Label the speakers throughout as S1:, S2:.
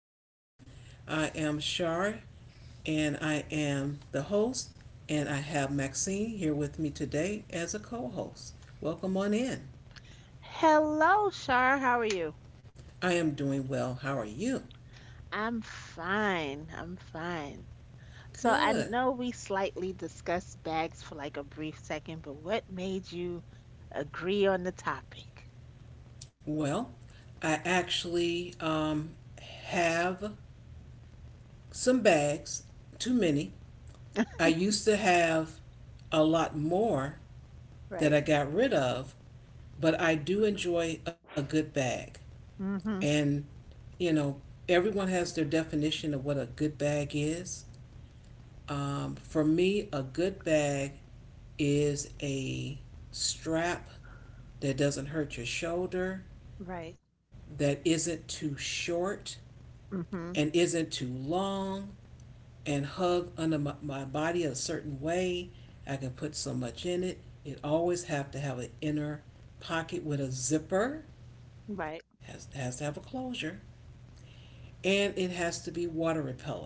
S1: on in. I am Shar, and I am the host, and I have Maxine here with me today as a co host. Welcome on in.
S2: Hello, Shar. How are you?
S1: I am doing well. How are you?
S2: I'm fine. I'm fine. So I
S1: Good.
S2: know we slightly discussed bags for like a brief second, but what made you agree on the topic?
S1: Well, I actually have some bags, too many. I used to have a lot more that
S2: Right.
S1: I got rid of, but I do enjoy a good bag.
S2: Mhm.
S1: And you know, everyone has their definition of what a good bag is. For me, a good bag is a strap that doesn't hurt your shoulder,
S2: Right.
S1: that isn't too short and
S2: Mhm.
S1: isn't too long, and hug under my body a certain way. I can put so much in it. It always have to have an inner pocket with a zipper.
S2: Right.
S1: Has to have a closure, and it has to be water repellent.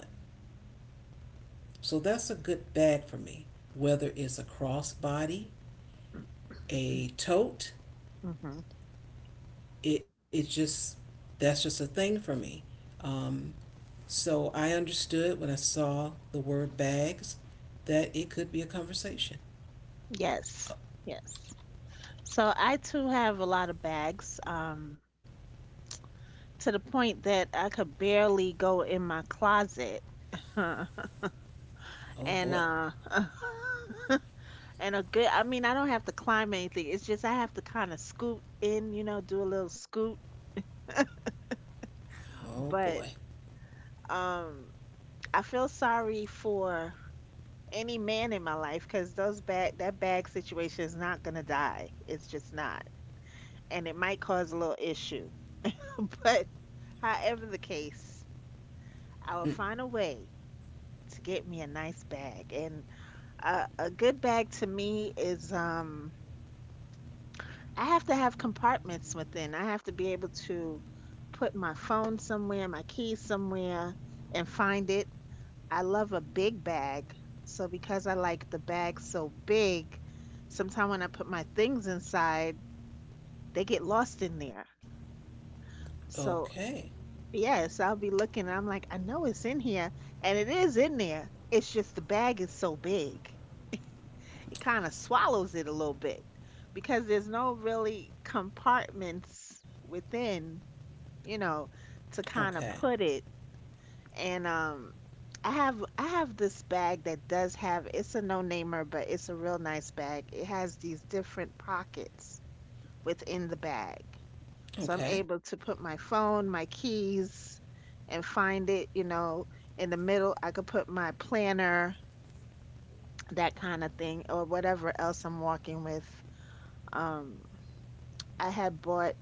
S1: So that's a good bag for me. Whether it's a crossbody, a tote,
S2: Mhm.
S1: it just that's just a thing for me. Um, so I understood when I saw the word bags that it could be a conversation.
S2: Yes. Yes. So I too have a lot of bags, to the point that I could barely go in my closet.
S1: Oh
S2: And
S1: boy.
S2: And a good I mean, I don't have to climb anything. It's just I have to kind of scoot in, do a little scoot.
S1: Oh boy.
S2: But um I feel sorry for any man in my life because those bag that bag situation is not gonna die. It's just not. And it might cause a little issue. But however the case, I will find a way to get me a nice bag. And a good bag to me is. I have to have compartments within. I have to be able to put my phone somewhere, my keys somewhere, and find it. I love a big bag. So, because I like the bag so big, sometimes when I put my things inside, they get lost in there. So,
S1: Okay.
S2: yes, I'll be looking. And I'm like, I know it's in here, and it is in there. It's just the bag is so big. It kind of swallows it a little bit because there's no really compartments within you know, to kind of
S1: Okay.
S2: put it. And I have this bag that does have it's a no-namer, but it's a real nice bag. It has these different pockets within the bag. So I'm
S1: Okay.
S2: able to put my phone, my keys, and find it, in the middle. I could put my planner, that kind of thing, or whatever else I'm walking with. Um, I had bought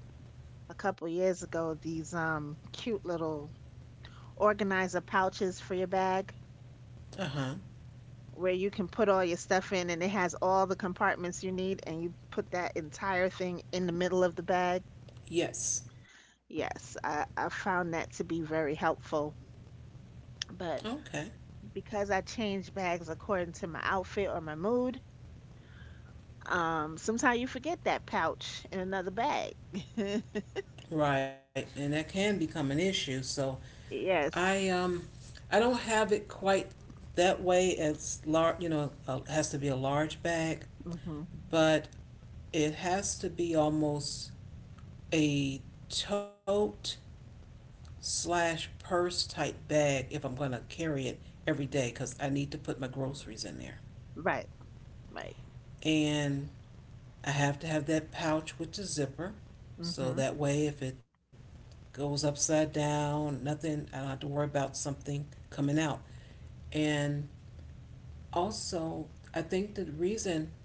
S2: a couple years ago these cute little organizer pouches for your bag,
S1: Uh huh.
S2: where you can put all your stuff in, and it has all the compartments you need, and you put that entire thing in the middle of the bag.
S1: Yes.
S2: Yes, I found that to be very helpful. But
S1: Okay.
S2: because I change bags according to my outfit or my mood, sometimes you forget that pouch in another bag.
S1: Right. And that can become an issue. So I
S2: Yes.
S1: um I don't have it quite that way as large, you know, has to be a large bag,
S2: Hmm.
S1: but it has to be almost a tote slash purse type bag if I'm going to carry it every day because I need to put my groceries in there.
S2: Right. Right.
S1: And I have to have that pouch with the zipper so
S2: Hmm.
S1: that way if it goes upside down, nothing, I don't have to worry about something coming out. And also, I think the reason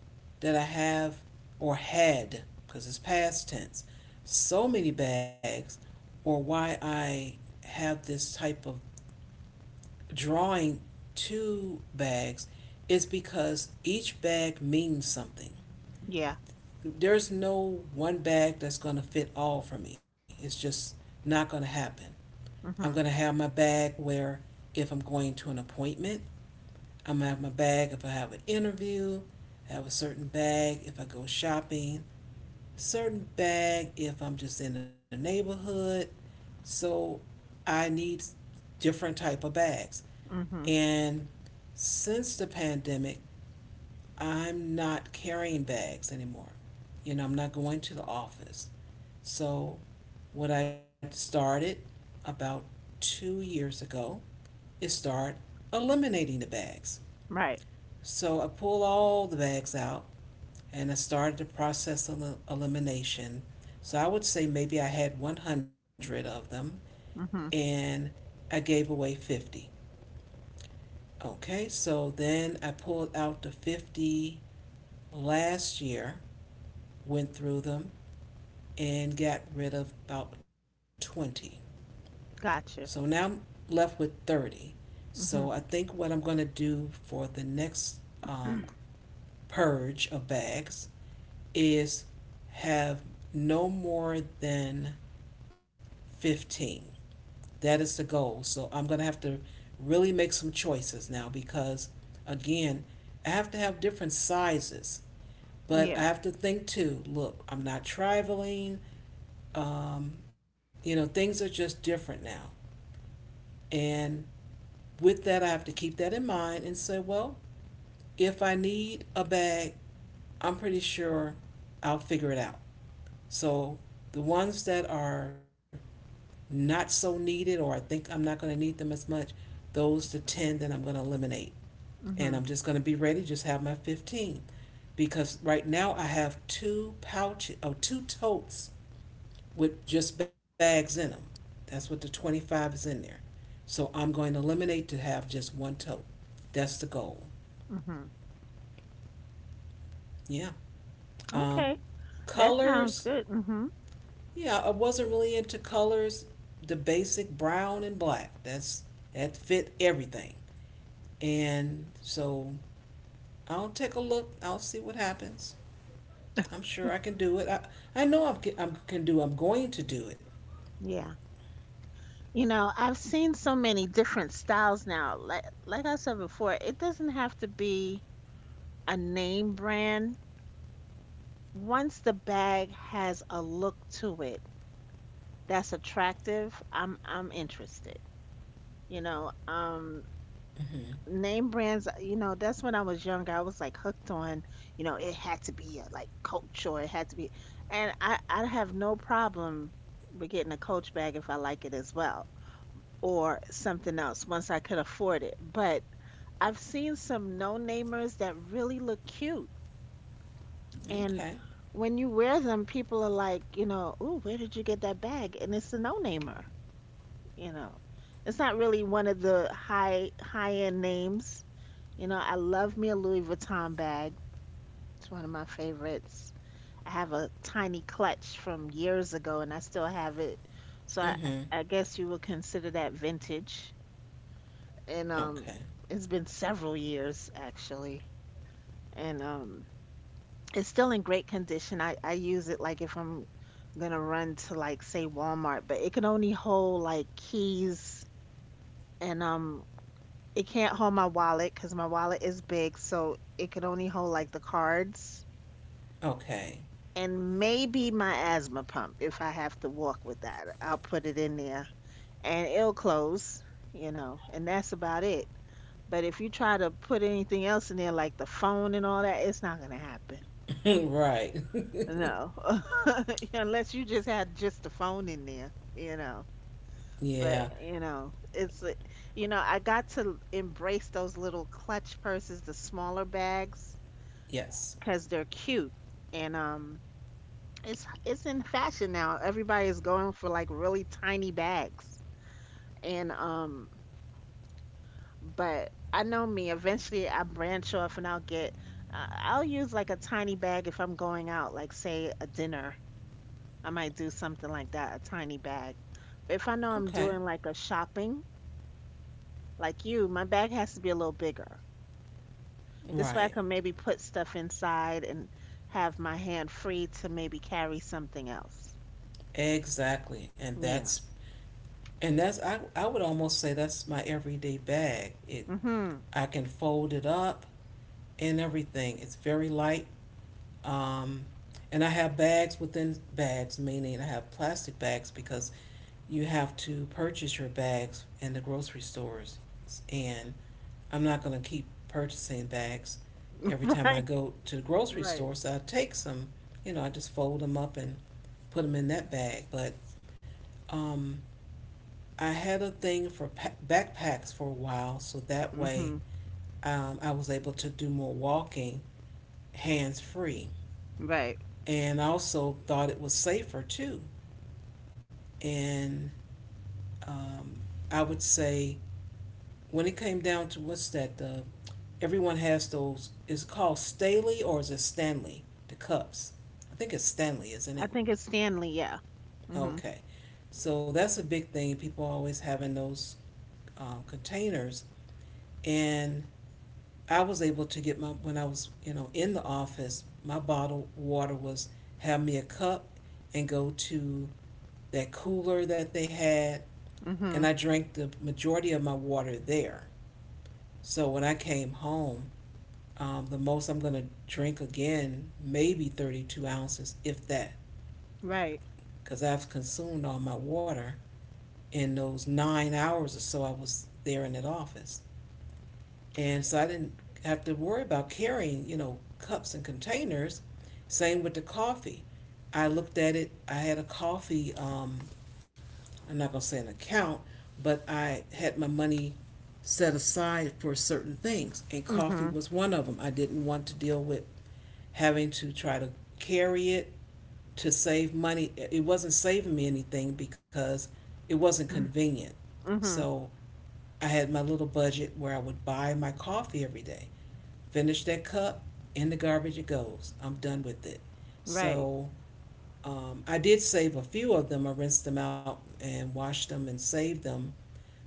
S1: that I have or had, because it's past tense, so many bags, or why I have this type of drawing to bags, is because each bag means something.
S2: Yeah.
S1: There's no one bag that's going to fit all for me. It's just not going to happen. I'm going to
S2: Hmm.
S1: have my bag where if I'm going to an appointment, I'm gonna have my bag if I have an interview. I have a certain bag if I go shopping. Certain bag if I'm just in the neighborhood. So I need different type of bags.
S2: Hmm.
S1: And since the pandemic, I'm not carrying bags anymore. You know, I'm not going to the office. So what I started about 2 years ago is start eliminating the bags.
S2: Right.
S1: So I pull all the bags out and I started the process of elimination. So I would say maybe I had 100 of them
S2: Hmm.
S1: and I gave away 50. Okay, so then I pulled out the 50 last year, went through them, and got rid of about 20. So now
S2: Gotcha.
S1: I'm left with 30. So I
S2: Hmm.
S1: think what I'm going to do for the next um, purge of bags is have no more than 15. That is the goal. So I'm going to have to really make some choices now because, again, I have to have different sizes. But I
S2: Yeah.
S1: have to think too look, I'm not traveling. Um, you know, things are just different now. And with that, I have to keep that in mind and say, well, if I need a bag, I'm pretty sure I'll figure it out. So the ones that are not so needed or I think I'm not going to need them as much, those the 10 that I'm going to eliminate. And
S2: Hmm.
S1: I'm just going to be ready, just have my 15. Because right now I have two pouches, oh, two totes with just bags in them. That's what the 25 is in there. So I'm going to eliminate to have just one tote. That's the goal.
S2: Hmm.
S1: Yeah. Um,
S2: Okay. That sounds
S1: colors,
S2: good. Mhm.
S1: yeah, I wasn't really into colors. The basic brown and black. That fit everything. And so I'll take a look. I'll see what happens. I'm sure I can do it. I know I'm can do. I'm going to do it.
S2: Yeah. You know, I've seen so many different styles now. Like I said before, it doesn't have to be a name brand. Once the bag has a look to it that's attractive, I'm interested. You know,
S1: Hmm.
S2: name brands, that's when I was younger. I was like hooked on, it had to be like Coach, or it had to be, and I have no problem with getting a Coach bag if I like it as well or something else once I could afford it. But I've seen some no-namers that really look cute. And
S1: Okay.
S2: when you wear them, people are like, "Ooh, where did you get that bag?" And it's a no-namer, you know. It's not really one of the high-end names. You know, I love me a Louis Vuitton bag. It's one of my favorites. I have a tiny clutch from years ago and I still have it. So I,
S1: Hmm.
S2: I guess you would consider that vintage. And
S1: Okay.
S2: it's been several years actually. And it's still in great condition. I use it, like, if I'm gonna run to, like, say Walmart, but it can only hold like keys. And it can't hold my wallet because my wallet is big, so it can only hold like the cards,
S1: Okay.
S2: and maybe my asthma pump. If I have to walk with that, I'll put it in there and it'll close, you know, and that's about it. But if you try to put anything else in there, like the phone and all that, it's not gonna happen.
S1: Right.
S2: No, unless you just had just the phone in there.
S1: Yeah.
S2: But I got to embrace those little clutch purses, the smaller bags,
S1: Yes.
S2: because they're cute, and it's in fashion now. Everybody is going for like really tiny bags, and but I know me. Eventually, I branch off and I'll get. I'll use like a tiny bag if I'm going out, like say a dinner. I might do something like that, a tiny bag. But if I know I'm
S1: Okay.
S2: doing like a shopping, like you, my bag has to be a little bigger. This way, I
S1: Right.
S2: can maybe put stuff inside and have my hand free to maybe carry something else.
S1: Exactly.
S2: Yeah.
S1: And that's I would almost say that's my everyday bag. It
S2: Hmm.
S1: I can fold it up and everything. It's very light. Um, and I have bags within bags, meaning I have plastic bags because you have to purchase your bags in the grocery stores. And I'm not going to keep purchasing bags every time I
S2: Right.
S1: go to the grocery
S2: Right.
S1: store. So I take some, you know, I just fold them up and put them in that bag. But um, I had a thing for backpacks for a while, so that way
S2: Hmm.
S1: I was able to do more walking hands free.
S2: Right.
S1: And also thought it was safer too. And um, I would say when it came down to what's that the everyone has those is it called Staley or is it Stanley the cups? I think it's Stanley, isn't
S2: I
S1: it?
S2: think it's Stanley. Yeah. Hmm.
S1: Okay, so that's a big thing. People always having those containers, and I was able to get my when I was you know in the office, my bottled water was have me a cup and go to that cooler that they had and
S2: Hmm.
S1: I drank the majority of my water there. So when I came home, the most I'm going to drink again, maybe 32 ounces, if that,
S2: Right.
S1: because I've consumed all my water in those 9 hours or so I was there in that office. And so I didn't have to worry about carrying, you know, cups and containers. Same with the coffee. I looked at it, I had a coffee I'm not gonna say an account, but I had my money set aside for certain things, and coffee
S2: Hmm.
S1: was one of them. I didn't want to deal with having to try to carry it to save money. It wasn't saving me anything because it wasn't convenient.
S2: Mhm.
S1: So I had my little budget where I would buy my coffee every day. Finish that cup, in the garbage it goes. I'm done with it.
S2: Right.
S1: So I did save a few of them. I rinsed them out and washed them and saved them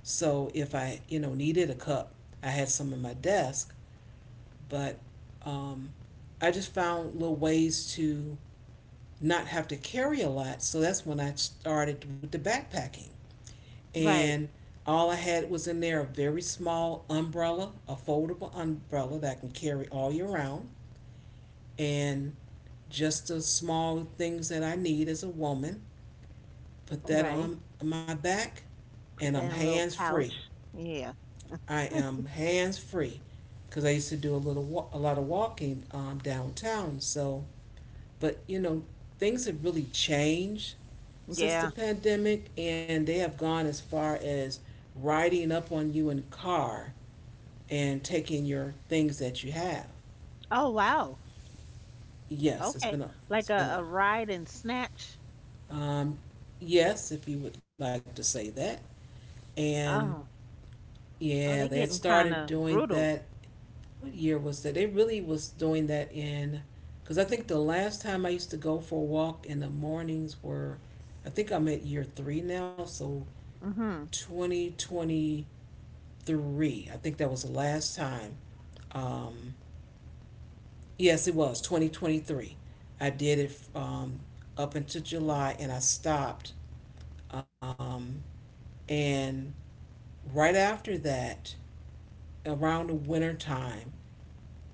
S1: so if I, you know, needed a cup, I had some in my desk, but um, I just found little ways to not have to carry a lot. So that's when I started with the backpacking.
S2: Right.
S1: And all I had was in there a very small umbrella, a foldable umbrella that I can carry all year round, and just the small things that I need as a woman. Put that
S2: Right.
S1: on my back, and
S2: Put that
S1: I'm
S2: in a little
S1: hands free.
S2: pouch. Yeah.
S1: I am hands free because I used to do a lot of walking downtown. So, but you know, things have really changed since the
S2: Yeah.
S1: pandemic, and they have gone as far as riding up on you in a car and taking your things that you have.
S2: Oh wow.
S1: Yes, it's
S2: Okay.
S1: been a
S2: Like
S1: it's been
S2: a,
S1: a
S2: a ride and snatch.
S1: um, yes, if you would like to say that. And
S2: Oh.
S1: yeah,
S2: Oh,
S1: they
S2: they
S1: had
S2: getting
S1: started
S2: kind of
S1: doing that
S2: brutal.
S1: what year was that? They really was doing that in, because I think the last time I used to go for a walk in the mornings were, I think I'm at year 3 now, so
S2: Mhm.
S1: 2023. I think that was the last time. Um, yes, it was 2023. I did it up until July and I stopped. Um, and right after that, around the winter time,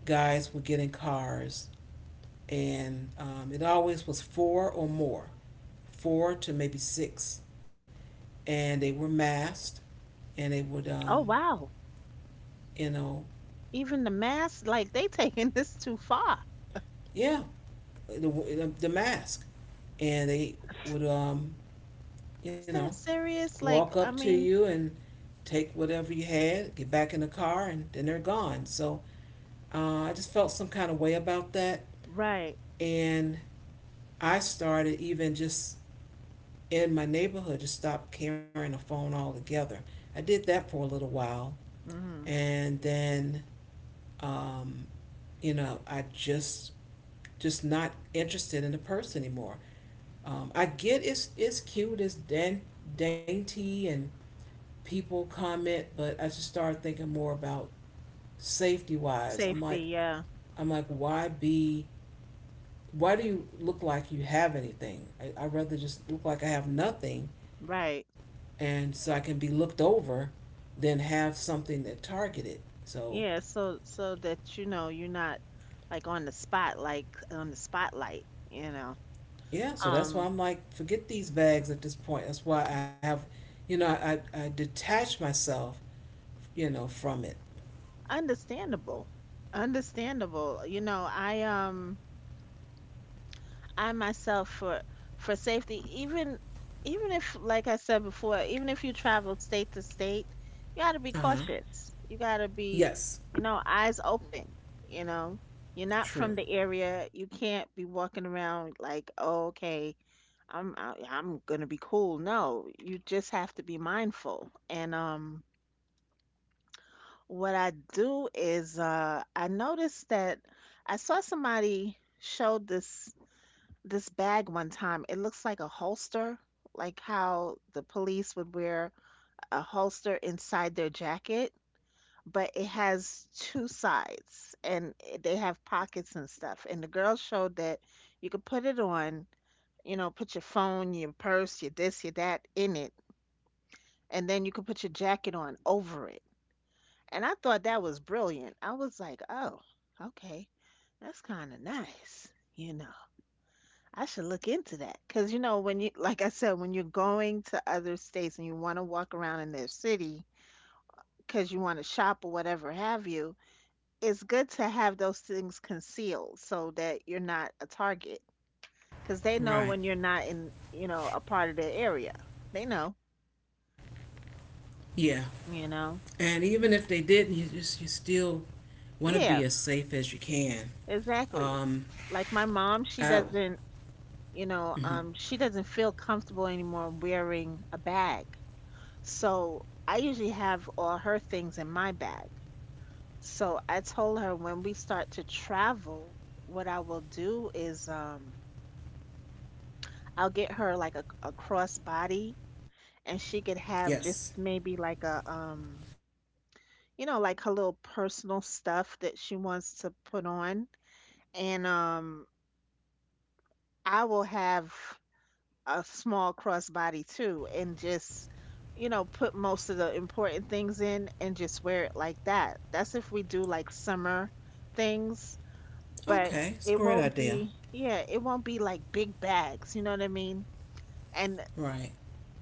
S1: guys would get in cars and it always was 4 or more, 4 to maybe 6, and they were masked, and
S2: Oh wow.
S1: you know,
S2: Even the mask, like they taking this too far.
S1: yeah, the mask, and would, um,
S2: Is
S1: you
S2: that
S1: know,
S2: serious? Like,
S1: walk
S2: I
S1: up to
S2: mean,
S1: you and take whatever you had, get back in the car, and then they're gone. So I just felt some kind of way about that,
S2: right.
S1: and I started even just in my neighborhood to stop carrying a phone altogether. I did that for a little while,
S2: Mhm.
S1: and then um, you know I just not interested in the person anymore. I get it's cute, dainty, and people comment, but I just started thinking more about safety wise.
S2: Safety. Yeah.
S1: I'm like why be why do you look like you have anything? I'd rather just look like I have nothing,
S2: Right.
S1: and so I can be looked over, than have something that targeted. So
S2: Yeah. So that you know you're not like on the spot, like on the spotlight. You know.
S1: yeah, so that's why
S2: Um.
S1: I'm like, forget these bags at this point. That's why I have, you know, I detach myself, you know, from it.
S2: Understandable. Understandable. You know, I myself for safety, even if like I said before, even if you travel state to state, you
S1: Uh
S2: gotta be
S1: huh.
S2: cautious. You gotta be,
S1: Yes.
S2: you know, eyes open, you know. You're not
S1: True.
S2: from the area. You can't be walking around like, oh, okay, I'm gonna be cool. No, you just have to be mindful. And what I do is I noticed that I saw somebody showed this bag one time. It looks like a holster, like how the police would wear a holster inside their jacket, but it has two sides, and they have pockets and stuff. And the girl showed that you could put it on, put your phone, your purse, your this, your that in it, and then you could put your jacket on over it. And I thought that was brilliant. I was like, "Oh, okay. That's kind of nice." You know, I should look into that because, like I said, when you're going to other states and you want to walk around in their city because you want to shop or whatever have you, it's good to have those things concealed so that you're not a target, because they know
S1: Right.
S2: when you're not in a part of their area. They know,
S1: Yeah. And
S2: you
S1: even if
S2: know.
S1: they didn't, you just you still want to be as safe as you
S2: Yeah,
S1: can. Um.
S2: exactly. Like my
S1: Ow.
S2: mom, she doesn't you
S1: Mm-hmm.
S2: know, um, she doesn't feel comfortable anymore wearing a bag. So I usually have all her things in my bag. So I told her when we start to travel, what I will do is, I'll get her like a crossbody, and she could
S1: Yes.
S2: have just maybe like her little personal stuff that she wants to put on. And I will have a small crossbody too, and just put most of the important things in and just wear it like that. That's if we do like summer things.
S1: Okay.
S2: But
S1: It's a great
S2: it
S1: idea.
S2: won't be, yeah, it won't be like big bags, you know what I mean. And
S1: Right.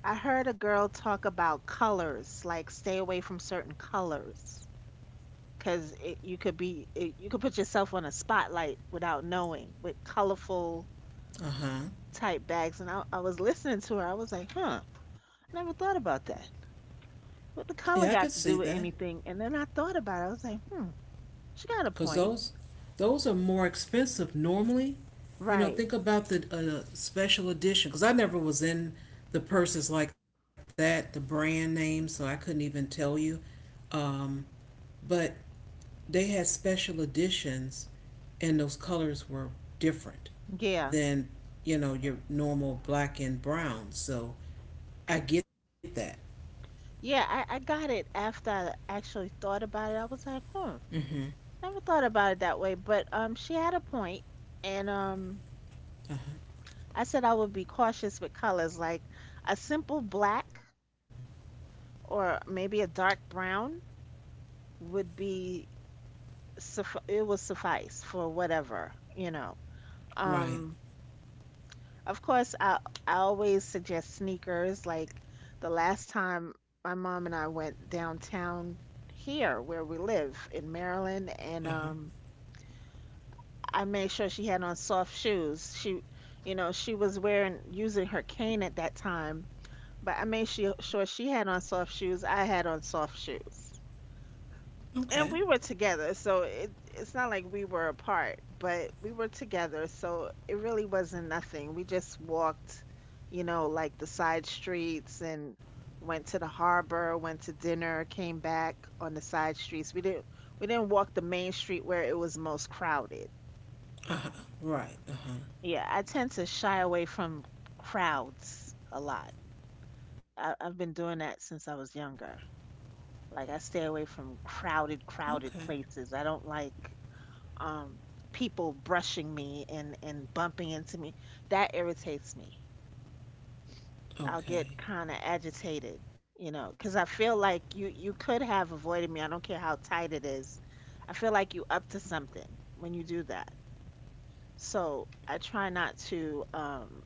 S2: I heard a girl talk about colors, like, stay away from certain colors, because it, you could be it, you could put yourself on a spotlight without knowing with colorful
S1: Uh huh.
S2: type bags. And I was listening to her. I was like, huh, never thought about that. What the
S1: Yeah, I could
S2: color
S1: see
S2: got to
S1: that.
S2: do with anything? And then I thought about it. I was like, hmm, she got a
S1: Cause
S2: point.
S1: those are more expensive normally. You know,
S2: Right.
S1: think about the special edition. Cause I never was in the purses like that, the brand name, so I couldn't even tell you. Um, but they had special editions, and those colors were different
S2: Yeah.
S1: than your normal black and brown. So I get that.
S2: Yeah, I got it after I actually thought about it. I was like, hmm,
S1: Mm-hmm.
S2: never thought about it that way. But she had a point. And
S1: Uh huh.
S2: I said I would be cautious with colors, like a simple black or maybe a dark brown would be it would suffice for whatever.
S1: Right.
S2: Um Of course, I always suggest sneakers. Like the last time my mom and I went downtown here where we live in Maryland,
S1: Uh huh.
S2: and I made sure she had on soft shoes. She was wearing using her cane at that time, but I made sure she had on soft shoes. I had on soft shoes,
S1: Okay.
S2: and we were together, so it's not like we were apart, but we were together, so it really wasn't nothing. We just walked, like the side streets, and went to the harbor, went to dinner, came back on the side streets. We didn't walk the main street where it was most crowded.
S1: Uh huh. Right. Uh huh.
S2: Yeah, I tend to shy away from crowds a lot. I've been doing that since I was younger. Like I stay away from
S1: Okay.
S2: crowded, crowded places. I don't like um, people brushing me and bumping into me, that irritates me. I'll get
S1: Okay.
S2: kind of agitated, you know, because I feel like you could have avoided me. I don't care how tight it is. I feel like you up to something when you do that. So I try not to,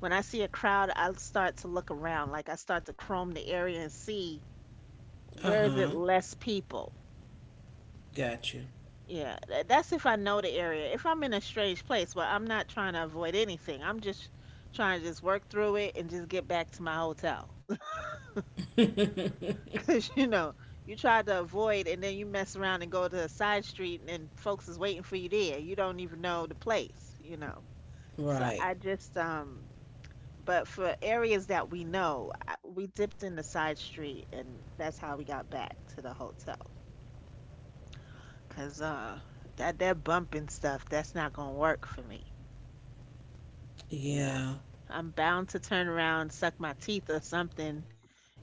S2: when I see a crowd, I start to look around. Like I start to comb the area and see
S1: Uh
S2: where
S1: huh.
S2: is it less people.
S1: Got you.
S2: Yeah, that's if I know the area. If I'm in a strange place, but I'm not trying to avoid anything. I'm just trying to just work through it and just get back to my hotel. Because, you know, you try to avoid and then you mess around and go to a side street and then folks is waiting for you there. You don't even know the place, you know. So I
S1: Right.
S2: just, but for areas that we know, I, we dipped in the side street and that's how we got back to the hotel. Because, that bump and stuff, that's not going to work for me. You know,
S1: Yeah.
S2: I'm bound to turn around, suck my teeth or something,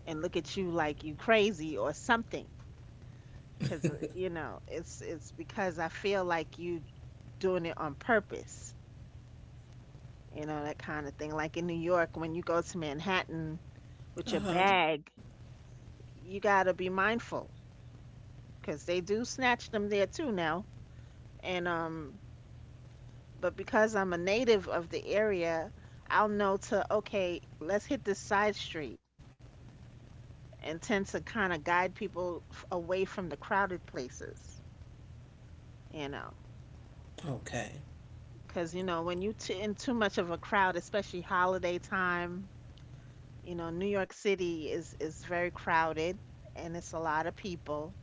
S2: and look at you like you crazy or something. Cause you know, it's because I feel like you doing it on purpose. You know, that kind of thing. Like in New York, when you go to Manhattan with
S1: Uh
S2: your
S1: huh.
S2: bag, you gotta be mindful because they do snatch them there too now. And but because I'm a native of the area, I'll know to okay, let's hit this side street and tends to kind of guide people away from the crowded places, you know.
S1: Okay.
S2: Because, you know, when you in too much of a crowd, especially holiday time, you know, New York City is very crowded and it's a lot of people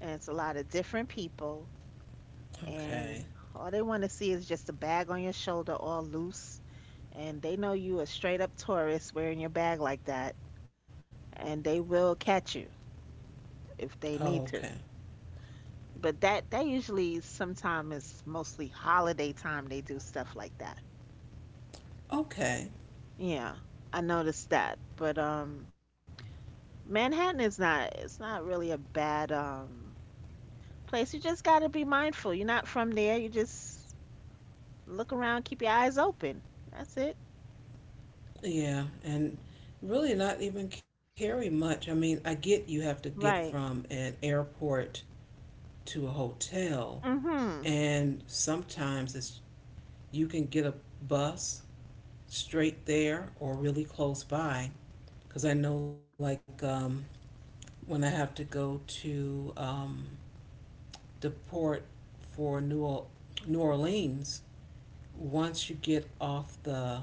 S2: and it's a lot of different people.
S1: Okay.
S2: And all they want to see is just a bag on your shoulder all loose. And they know you a straight up tourist wearing your bag like that. And they will catch you if they need
S1: Okay.
S2: to. But that usually sometime is mostly holiday time they do stuff like that.
S1: Okay.
S2: Yeah, I noticed that. But Manhattan is not, it's not really a bad place. You just got to be mindful. You're not from there. You just look around, keep your eyes open. That's it.
S1: Yeah. And really not even carry much. I mean, I get you have to get from
S2: Right.
S1: an airport to a hotel,
S2: Mhm.
S1: and sometimes it's you can get a bus straight there or really close by. Because I know, like, when I have to go to the port for New Orleans, once you get off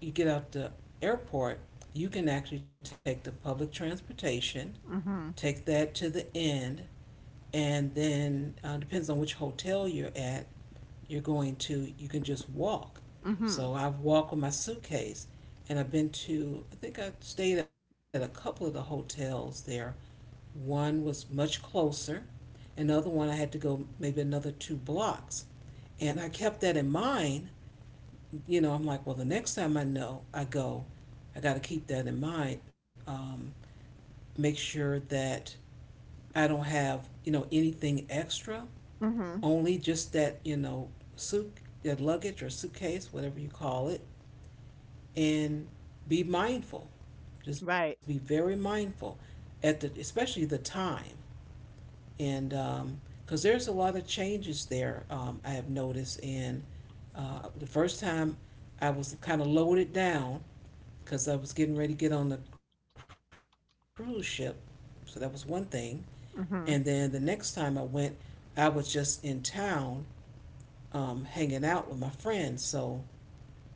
S1: you get out the airport, you can actually take the public transportation, take
S2: Mhm.
S1: that to the end, and then depends on which hotel you're at, you can just walk. So
S2: Mhm.
S1: I've walked with my suitcase, and I think I stayed at a couple of the hotels there. One was much closer, another one I had to go maybe another 2 blocks. And I kept that in mind. You know, I'm like, well, the next time I know I go, I got to keep that in mind. Make sure that I don't have, you know, anything extra,
S2: Mhm.
S1: only just that, suit, that luggage or suitcase, whatever you call it, and be mindful. Just be
S2: Right.
S1: very mindful at especially the time. And, because there's a lot of changes there, I have noticed, in. The first time I was kind of loaded down because I was getting ready to get on the cruise ship. So that was one thing. And then the next
S2: Mhm.
S1: time I went, I was just in town hanging out with my friends. So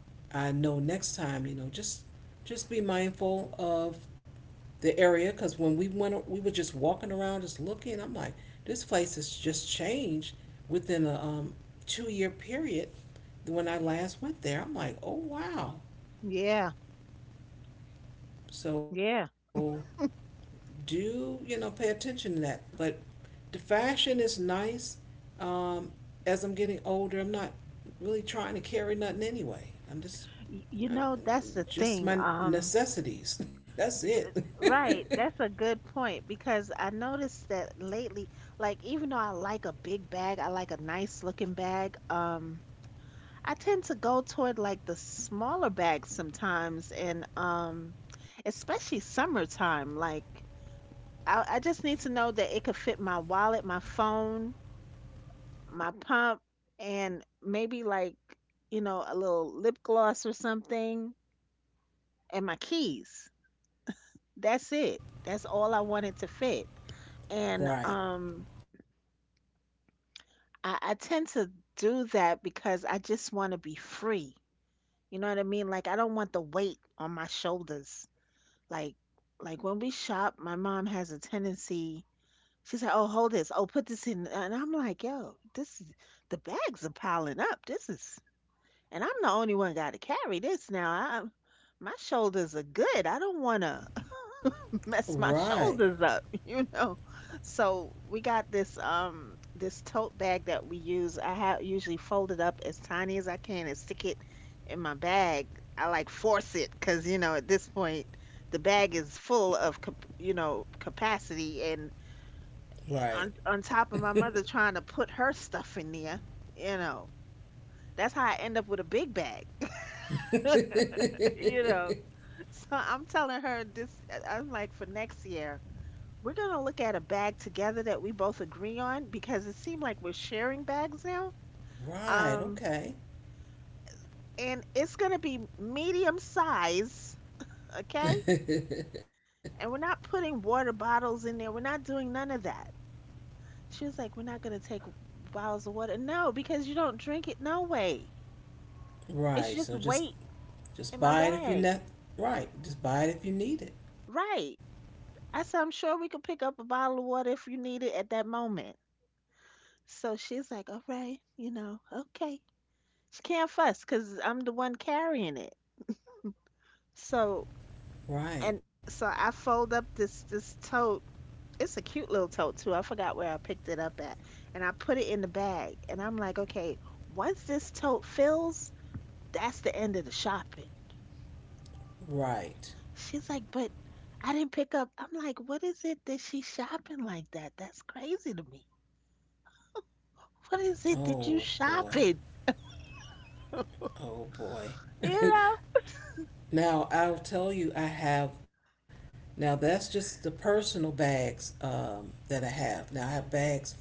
S1: I know next time, you know, just be mindful of the area because when we went, we were just walking around, just looking. I'm like, this place has just changed within a 2-year period. When I last went there, I'm like, oh wow.
S2: Yeah. Yeah.
S1: So do, you know, pay attention to that. But the fashion is nice. Um, as I'm getting older, I'm not really trying to carry nothing anyway. I'm just,
S2: You know,
S1: I'm,
S2: that's the thing.
S1: just my necessities. That's it.
S2: Right, that's a good point because I noticed that lately, like even though I like a big bag, I like a nice looking bag, I tend to go toward like the smaller bags sometimes and especially summertime, like I just need to know that it could fit my wallet, my phone, my pump, and maybe like, you know, a little lip gloss or something and my keys. That's it. That's all I want it to fit. And
S1: Right,
S2: I tend to do that because I just want to be free. You know what I mean? Like I don't want the weight on my shoulders. Like like when we shop, my mom has a tendency. She's like, "Oh, hold this. Oh, put this in." And I'm like, "Yo, this is the bags are piling up. This is." And I'm the only one got to carry this now. I my shoulders are good. I don't want to mess my
S1: right,
S2: shoulders up, you know. So we got this this tote bag that we use. I have usually fold it up as tiny as I can and stick it in my bag. I like force it because you know at this point the bag is full of you know capacity and
S1: right.
S2: on top of my mother trying to put her stuff in there, you know. That's how I end up with a big bag, you know. So I'm telling her this. I'm like for next year. We're going to look at a bag together that we both agree on because it seemed like we're sharing bags now.
S1: Right,
S2: Um,
S1: okay.
S2: and it's going to be medium size, okay? And we're not putting water bottles in there. We're not doing none of that. She was like, "We're not going to take bottles of water." No, because you don't drink it no way. It's
S1: Right,
S2: just
S1: so just
S2: weight
S1: just
S2: in my
S1: buy it if you
S2: bag.
S1: ne- right, just buy it if you need it.
S2: Right. I said, "I'm sure we could pick up a bottle of water if you need it at that moment." So she's like, "All right, you know, okay." She can't fuss because I'm the one carrying it. So
S1: Right,
S2: and so I fold up this tote. It's a cute little tote too. I forgot where I picked it up at. And I put it in the bag. And I'm like, okay, once this tote fills, that's the end of the shopping.
S1: right.
S2: She's like, but I didn't pick up. I'm like, what is it that she's shopping like that? That's crazy to me. What is it that
S1: Oh
S2: you
S1: boy.
S2: shopping?
S1: Oh boy.
S2: You know?
S1: Now I'll tell you I have now that's just the personal bags that I have. Now I have bags for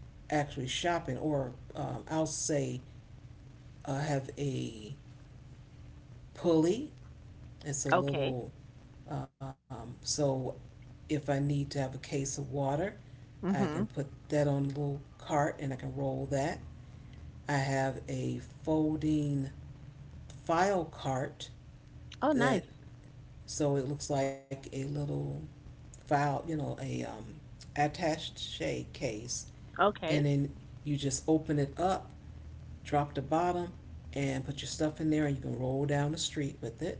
S1: actually shopping or I'll say I have a pulley. It's a
S2: Okay.
S1: little. So if I need to have a case of water, I can
S2: Mhm.
S1: put that on a little cart and I can roll that. I have a folding file cart.
S2: Oh, nice.
S1: That So it looks like a little file, you know, a attaché case, and
S2: Okay.
S1: then you just open it up, drop the bottom, and put your stuff in there, and you can roll down the street with it.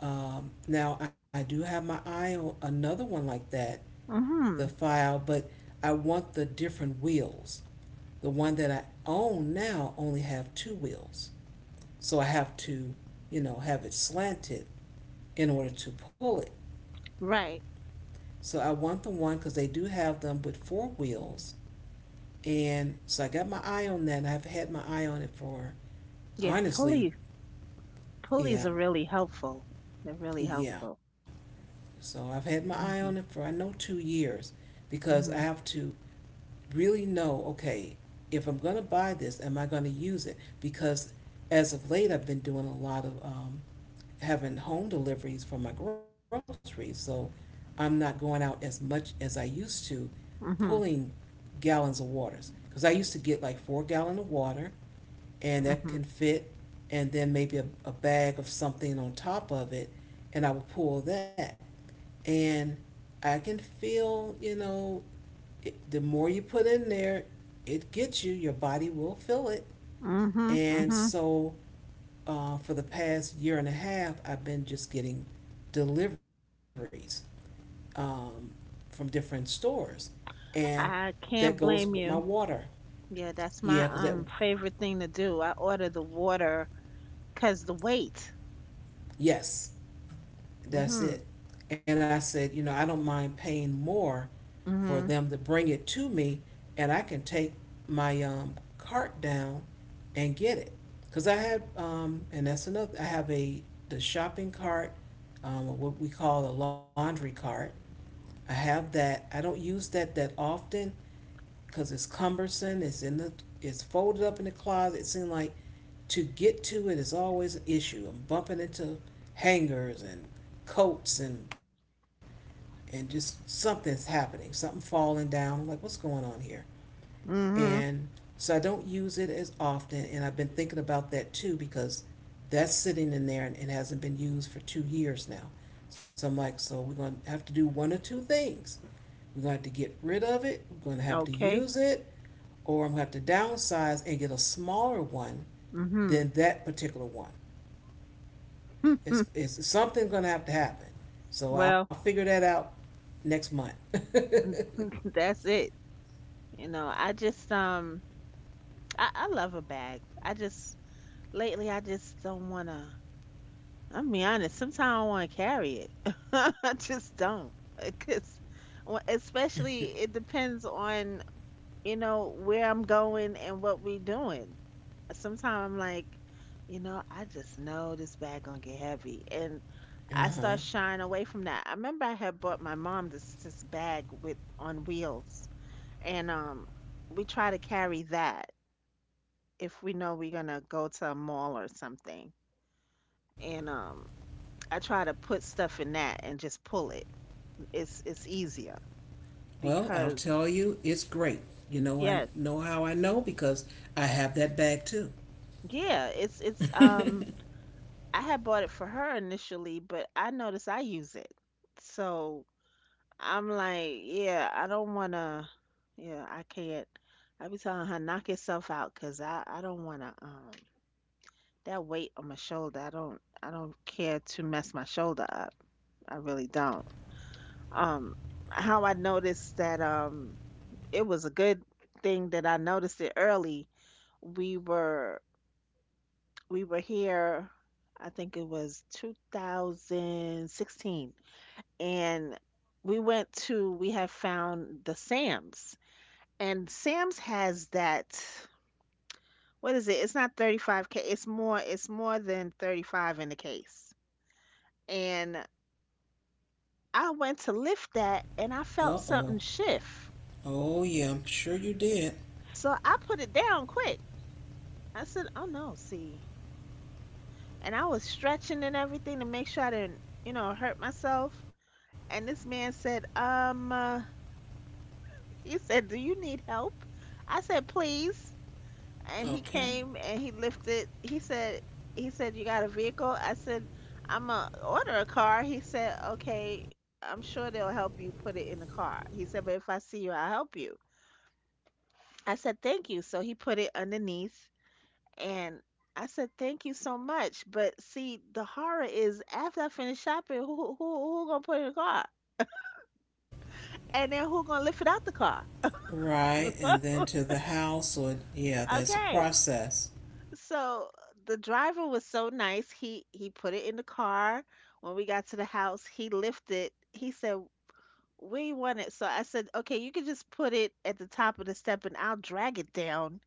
S1: Now I do have my eye on another one like that, the
S2: Mhm.
S1: file, but I want the different wheels. The one that I own now only have two wheels, so I have to, you know, have it slanted in order to pull it.
S2: Right.
S1: So I want the one because they do have them with four wheels. And so I got my eye on that, and I've had my eye on it for
S2: Yeah,
S1: honestly,
S2: pulley. Pulleys
S1: yeah,
S2: are really helpful. They're really
S1: yeah.
S2: helpful.
S1: So I've had my eye on it for I
S2: Mhm.
S1: know 2 years because I have
S2: Mhm.
S1: to really know okay, if I'm going to buy this, am I going to use it? Because as of late, I've been doing a lot of having home deliveries for my groceries. So I'm not going out as much as I used to pulling
S2: Mhm.
S1: gallons of waters because I used to get like 4 gallon of water and that can
S2: Mhm.
S1: fit and then maybe a bag of something on top of it and I would pull that and I can feel it, the more you put in there it gets you your body will feel it
S2: Mhm.
S1: and
S2: Mhm.
S1: so for the past year and a half I've been just getting deliveries um, from different stores and
S2: I
S1: that goes
S2: can't
S1: with my
S2: blame you.
S1: water.
S2: Yeah,
S1: Yeah,
S2: that's
S1: because
S2: my favorite thing to do. I order the water 'cause the weight.
S1: yes, that's it.
S2: Mhm.
S1: And I said, you know, I don't mind paying more for them
S2: Mhm.
S1: to bring it to me, and I can take my cart down and get it. Because I and that's another, I have a the shopping cart, what we call a laundry cart. I have that. I don't use that that often because it's cumbersome. It's folded up in the closet. It seems like to get to it is always an issue. I'm bumping into hangers and coats and just something's happening, something falling down. I'm like, what's going on here?
S2: Mhm.
S1: And so I don't use it as often. And I've been thinking about that too because that's sitting in there and hasn't been used for 2 years now. So I'm like, so we're going to have to do one or two things. We're going to have to get rid of it, we're going to have to
S2: Okay.
S1: use it, or I'm going to have to downsize and get a smaller one
S2: Mhm.
S1: than that particular one. It's Something's gonna have to happen. So I'll
S2: Well,
S1: figure that out next month.
S2: that's it. You know, I just I love a bag. I just lately I just don't wanna I'm be honest, sometimes I don't want to carry it. I just don't. Because, especially, it depends on, you know, where I'm going and what we doing. Sometimes I'm like, you know, I just know this bag gonna get heavy. And I start
S1: Uh-huh.
S2: shying away from that. I remember I had bought my mom this bag with on wheels. And we try to carry that if we know we're gonna go to a mall or something. And I try to put stuff in that and just pull it. It's easier
S1: Well, I'll
S2: because
S1: tell you, it's great. You know, I
S2: yes,
S1: know how I know because I have that bag too.
S2: yeah, it's I had bought it for her initially, but I noticed I use it. So I'm like, yeah, I don't wanna yeah, I can't. I be telling her knock yourself out, cause I don't wanna that weight on my shoulder. I don't care to mess my shoulder up. I really don't. um how I noticed that it was a good thing that I noticed it early. We were we were here, I think it was 2016, and we went to we had found the Sam's, and Sam's has that, what is it? It's not 35K. It's more, it's more than 35 in the case. And I went to lift that and I felt
S1: Uh
S2: something
S1: oh.
S2: shift.
S1: Oh yeah, I'm sure you did.
S2: So I put it down quick. I said, "Oh no, see." And I was stretching and everything to make sure I didn't, you know, hurt myself. And this man said, he said, "Do you need help?" I said, "Please." And he
S1: Okay.
S2: came and he lifted. "He said you got a vehicle." I said, "I'm gonna order a car." He said, "Okay. I'm sure they'll help you put it in the car." He said, "But if I see you, I'll help you." I said, "Thank you." So he put it underneath. And I said, "Thank you so much." But see, the horror is after I finish shopping, who gonna put it in the car, and then who gonna lift it out the car?
S1: Right, and then to the house or yeah, that's a
S2: Okay.
S1: process.
S2: So the driver was so nice. He put it in the car. When we got to the house, he lifted. He said, "Where you want it?" So I said, "Okay, you can just put it at the top of the step, and I'll drag it down."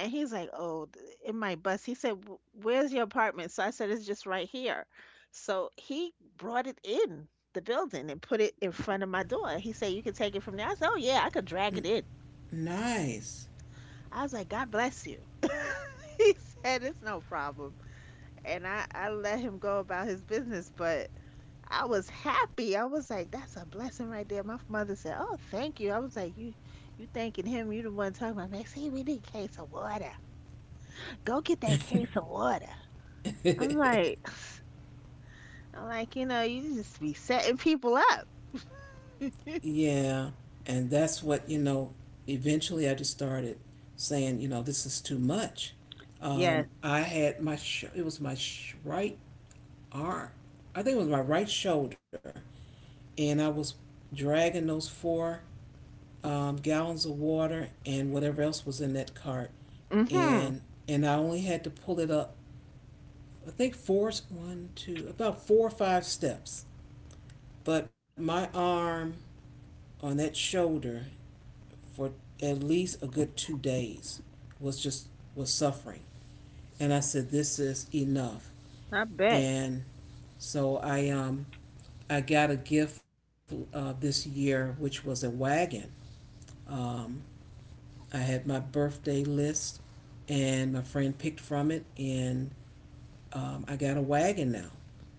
S2: And he's like, "Oh, in my bus." He said, Where's your apartment?" So I said, "It's just right here." So he brought it in the building and put it in front of my door. He said, "You can take it from there." I said, "Oh yeah, I could drag it in."
S1: Nice.
S2: I was like, "God bless you." He said, "It's no problem." And I let him go about his business, but I was happy. I was like, "That's a blessing right there." My mother said, "Oh, thank you." I was like, You thanking him? You the one talking about? Man, see, we need a case of water. Go get that case of water." I'm like, I'm like, you know, you just be setting people up.
S1: Yeah, and that's what, you know, eventually I just started saying, you know, this is too much.
S2: Yes.
S1: I had my, sh- it was my sh- right arm. I think it was my right shoulder. And I was dragging those four gallons of water and whatever else was in that cart.
S2: Mm-hmm.
S1: And, and I only had to pull it up, I think four, one, two, about four or five steps. But my arm on that shoulder for at least a good 2 days was just was suffering and I said this is enough
S2: I bet.
S1: and so I got a gift this year which was a wagon um I had my birthday list and my friend picked from it and I got a wagon now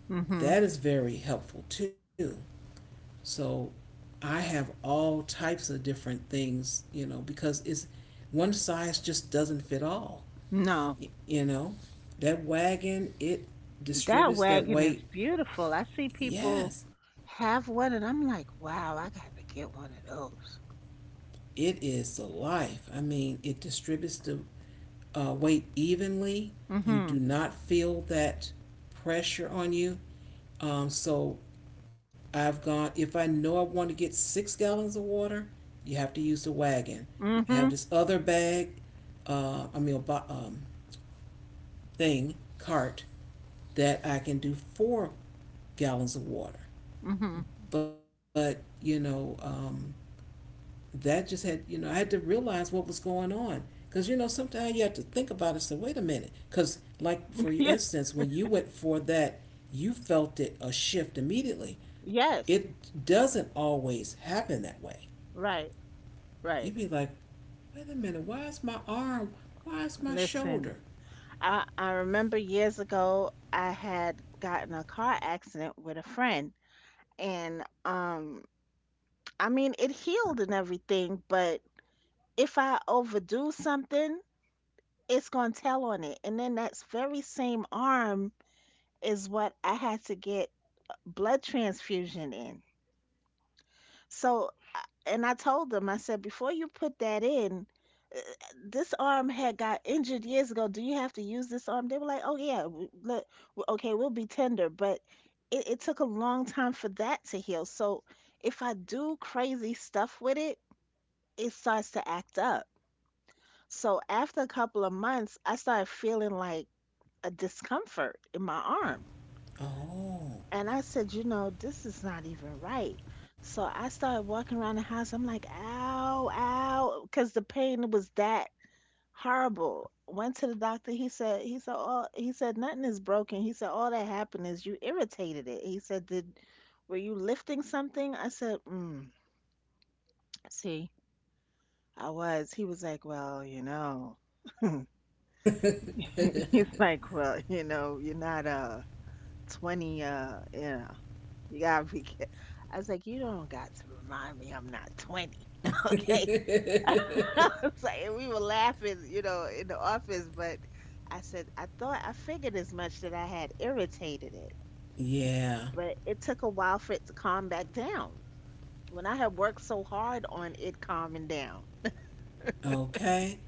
S2: Mm.
S1: that is very helpful too so I have all types of different things you know because it's one size just doesn't fit all.
S2: No,
S1: You know, that wagon, it
S2: that
S1: distributes
S2: wagon
S1: that
S2: is
S1: weight.
S2: beautiful. I see people
S1: Yes,
S2: have one, and I'm like, wow, I gotta get one of those.
S1: it is the life. I mean, it distributes the weight evenly. You
S2: Mm-hmm.
S1: do not feel that pressure on you. So I've gone, if I know I want to get 6 gallons of water, you have to use the wagon. I have
S2: Mm-hmm.
S1: this other bag, I mean, um, thing, cart, that I can do 4 gallons of water.
S2: Mm-hmm.
S1: But, you know, that just had, you know, I had to realize what was going on. Because, you know, sometimes you have to think about it and say, wait a minute. Because, like, for
S2: Yeah.
S1: instance, when you went for that, you felt it a shift immediately.
S2: Yes.
S1: It doesn't always happen that way.
S2: Right.
S1: You'd
S2: Right.
S1: be like, wait a minute, why is my arm, why is my
S2: Listen,
S1: shoulder?
S2: I remember years ago I had gotten a car accident with a friend, and I mean it healed and everything, but if I overdo something, it's going to tell on it. And then that very same arm is what I had to get blood transfusion in. So, and I told them, I said, before you put that in, uh, this arm had got injured years ago. Do you have to use this arm? They were like, oh, yeah, okay, we'll be tender. But it took a long time for that to heal. So, if I do crazy stuff with it, it starts to act up. So after a couple of months, I started feeling like a discomfort in my arm.
S1: Oh,
S2: And I said, you know, this is not even right. So I started walking around the house. I'm like, ow, ow, because the pain was that horrible. Went to the doctor. He said, oh, he said, nothing is broken. He said, all that happened is you irritated it. He said, were you lifting something? I said, mm, see, I was. He was like, well, you know, he's like, well, you know, you're not, 20, you know, you gotta be ca-" I was like, you don't got to remind me I'm not 20. Okay. I was like, and we were laughing, you know, in the office, but I said, I thought I figured as much that I had irritated it,
S1: yeah.
S2: but it took a while for it to calm back down. When I had worked so hard on it calming down.
S1: Okay.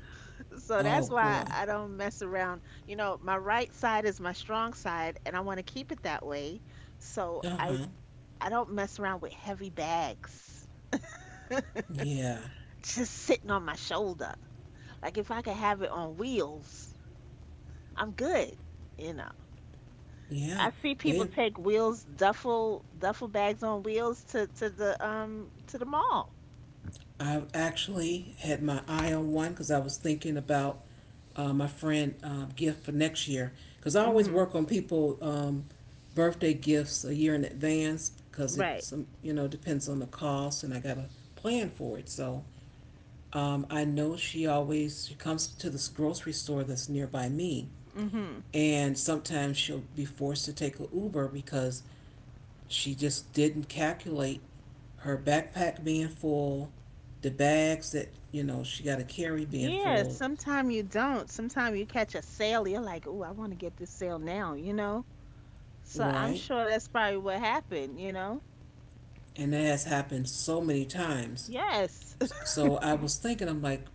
S2: So
S1: Oh,
S2: that's why
S1: boy.
S2: I don't mess around. You know, my right side is my strong side, and I want to keep it that way. So
S1: Uh
S2: I
S1: huh.
S2: I don't mess around with heavy bags
S1: Yeah.
S2: just sitting on my shoulder. Like if I could have it on wheels, I'm good. You know,
S1: Yeah.
S2: I see
S1: They,
S2: people take wheels, duffel bags on wheels to the to the mall.
S1: I have actually had my eye on one because I was thinking about my friend gift for next year because I always
S2: Hmm.
S1: work on people birthday gifts a year in advance because
S2: Right.
S1: it's you know depends on the cost and I gotta plan for it. So I know she comes to this grocery store that's nearby me,
S2: Hmm.
S1: and sometimes she'll be forced to take a Uber because she just didn't calculate her backpack being full, the bags that you know she got to carry being
S2: Yeah.
S1: full,
S2: Sometimes you don't. Sometimes you catch a sale. You're like, oh, I want to get this sale now. You know. So I'm
S1: right?
S2: sure that's probably what happened. You know.
S1: And that has happened so many times.
S2: Yes.
S1: So I was thinking, I'm like,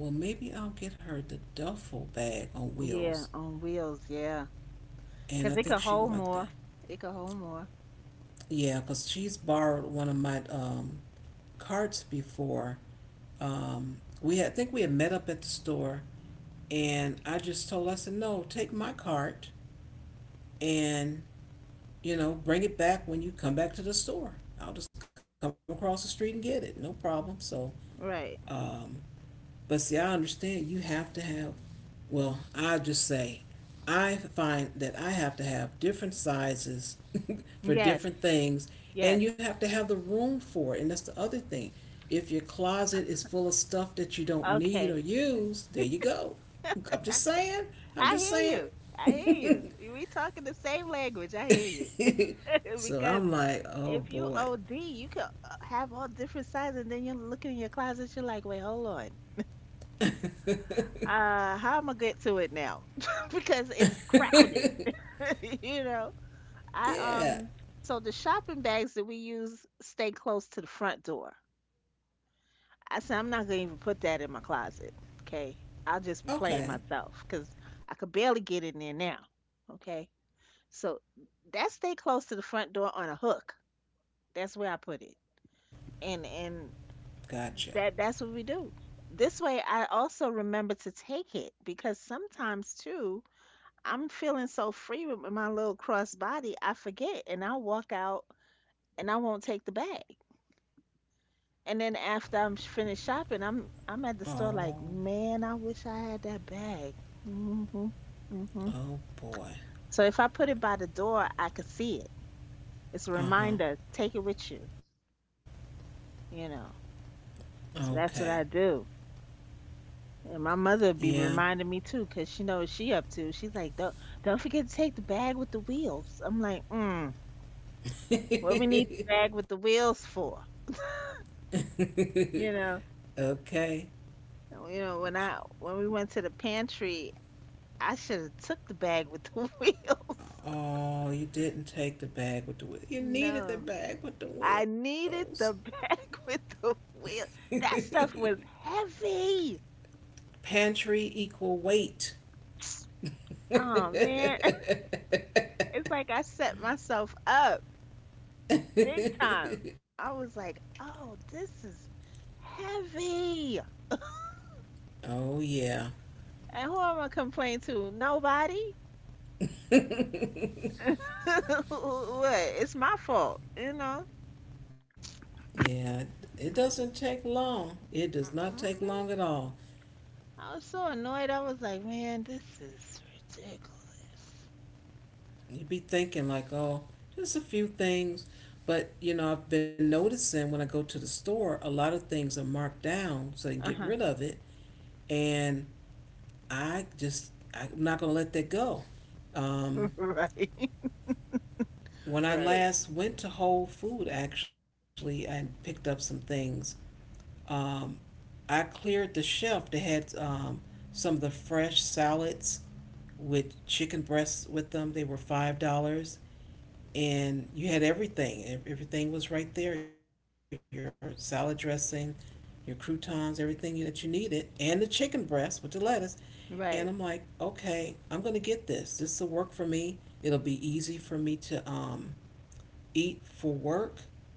S1: well, maybe I'll get her the duffel bag on
S2: Yeah.
S1: wheels.
S2: On wheels. Yeah.
S1: And I
S2: Because it
S1: think
S2: could
S1: she would
S2: hold
S1: like that.
S2: more. It could hold more.
S1: Yeah, because she's borrowed one of my carts before. I think we had met up at the store, and I just told her, I said, no, take my cart and, you know, bring it back when you come back to the store. I'll just come across the street and get it, no problem. So,
S2: Right.
S1: um, but see, I understand you have to have. Well, I just say I find that I have to have different sizes for
S2: Yes.
S1: different things,
S2: Yes.
S1: and you have to have the room for it. And that's the other thing. If your closet is full of stuff that you don't need
S2: Okay.
S1: or use, there you go. I'm
S2: I,
S1: just saying. I'm
S2: I
S1: just
S2: hear
S1: saying.
S2: you. I hear you. We talking the same language. I hear you.
S1: So
S2: Because
S1: I'm like, oh
S2: if you
S1: boy.
S2: OD, you can have all different sizes, and then you're looking in your closet. You're like, wait, hold on. How am I get to it now? Because it's crowded. You know. I
S1: Yeah.
S2: um. So the shopping bags that we use stay close to the front door. I said, I'm not gonna even put that in my closet. Okay. I'll just be playing
S1: Okay.
S2: myself because I could barely get in there now. Okay. So that stay close to the front door on a hook. That's where I put it. And
S1: Gotcha.
S2: that that's what we do. This way I also remember to take it because sometimes too, I'm feeling so free with my little crossbody, I forget and I'll walk out and I won't take the bag. And then after finished shopping, I'm at the store
S1: Oh.
S2: like, man, I wish I had that bag. Hmm. Hmm.
S1: Oh boy.
S2: So if I put it by the door, I could see it. It's a
S1: Uh huh.
S2: reminder. Take it with you. You know.
S1: Okay.
S2: So that's what I do. And my mother
S1: Yeah.
S2: would be reminding me too, 'cause she knows what she up to. She's like, don't forget to take the bag with the wheels. I'm like, mm, what we need the bag with the wheels for? You know.
S1: okay.
S2: You know when I when we went to the pantry, I should have took the bag with the wheels.
S1: Oh, you didn't take the bag with the wheels. You needed the
S2: No.
S1: bag with the
S2: I
S1: wheels.
S2: needed the bag with the wheel. That stuff was heavy.
S1: Pantry equal weight.
S2: Oh man, it's like I set myself up big time. I was like, "Oh, this is heavy."
S1: oh, yeah.
S2: And who am I complaining to? Nobody. What? It's my fault, you know?
S1: Yeah. It doesn't take long. It does not take long
S2: Mhm.
S1: at all.
S2: I was so annoyed. I was like, "Man, this is ridiculous."
S1: You'd be thinking, like, oh, just a few things. But, I've been noticing when I go to the store, a lot of things are marked down so they can get
S2: Uh-huh.
S1: rid of it. And I just I'm not gonna let that go. Um,
S2: Right.
S1: when I
S2: Right.
S1: last went to Whole Foods, actually, I picked up some things. um, I cleared the shelf that had some of the fresh salads with chicken breasts with them. They were $5, and you had everything. Everything was right there. Your salad dressing, your croutons, everything that you needed, and the chicken breast with the lettuce. And I'm
S2: Right.
S1: like, okay, I'm going to get this. This will work for me. It'll be easy for me to eat for work.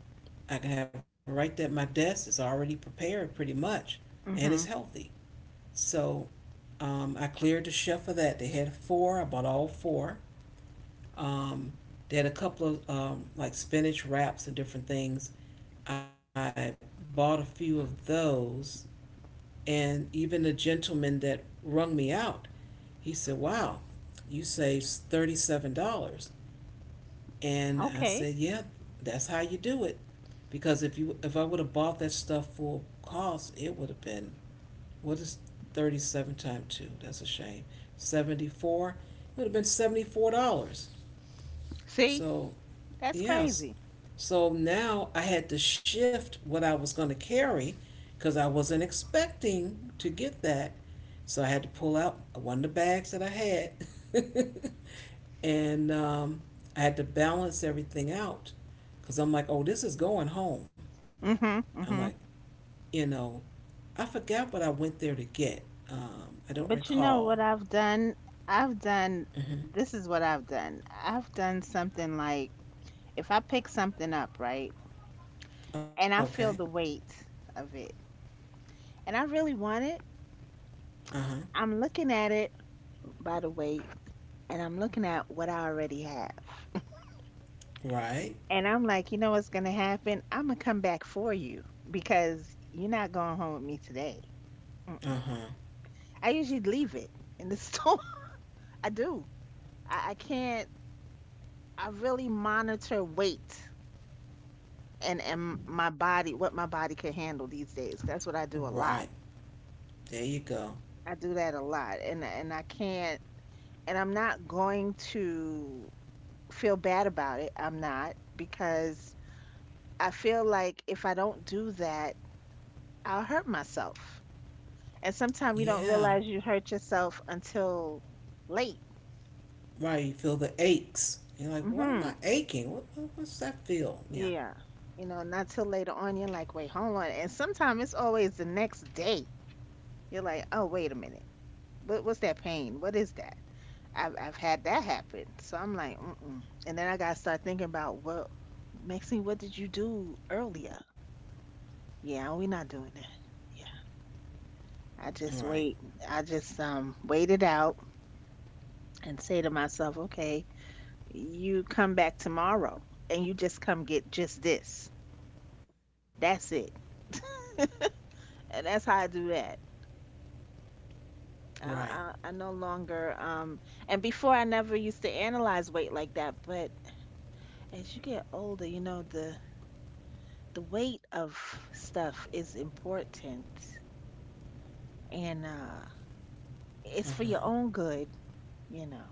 S1: I can have it right there at my desk. It's already prepared pretty much, and
S2: Mhm.
S1: it's healthy. So I cleared the shelf of that. They had four. I bought all four. Um, they had a couple of like spinach wraps and different things. I bought a few of those, and even the gentleman that rung me out, he said, "Wow, you saved $37." And I
S2: Okay.
S1: said, "Yeah, that's how you do it." Because if I would have bought that stuff full cost, it would have been, what is 37 times 2? That's a shame. 74. It would have been $74.
S2: See?
S1: So,
S2: That's crazy.
S1: yes. So now I had to shift what I was going to carry because I wasn't expecting to get that. So I had to pull out one of the bags that I had and I had to balance everything out because I'm like, oh, this is going home.
S2: Mm-hmm.
S1: I'm like,
S2: Mm-hmm.
S1: you know, I forgot what I went there to get. I don't
S2: But you know
S1: recall.
S2: what I've done? I've done,
S1: Hmm.
S2: this is what I've done. I've done something like if I pick something up, right? And I
S1: Okay.
S2: feel the weight of it, and I really want it,
S1: Uh huh.
S2: I'm looking at it by the weight, and I'm looking at what I already have.
S1: Right.
S2: And I'm like, you know what's going to happen? I'm going to come back for you because you're not going home with me today. Mm-mm.
S1: Uh huh.
S2: I usually leave it in the store. I do. I can't. I really monitor weight and my body, what my body can handle these days. That's what I do a lot.
S1: Right. There you go.
S2: I do that a lot, and I can't. And I'm not going to feel bad about it. I'm not because I feel like if I don't do that, I'll hurt myself. And sometimes you don't
S1: Yeah.
S2: realize you hurt yourself until late.
S1: Right. You feel the aches. You're like, why am I
S2: Hmm.
S1: aching? What's that feel? Yeah.
S2: Yeah. You know, not till later on. You're like, wait, hold on. And sometimes it's always the next day. You're like, oh, wait a minute. What's that pain? What is that? I've had that happen. So I'm like, mm-mm. And then I got to start thinking about Maxine, what did you do earlier? Yeah, we're not doing that. Yeah. I
S1: Right.
S2: just wait. I just wait it out and say to myself, okay, you come back tomorrow and you just come get just this. That's it. And that's how I do that.
S1: Right.
S2: I no longer, and before I never used to analyze weight like that, but as you get older, you know, the weight of stuff is important and
S1: Uh
S2: it's
S1: huh.
S2: for your own good, you know.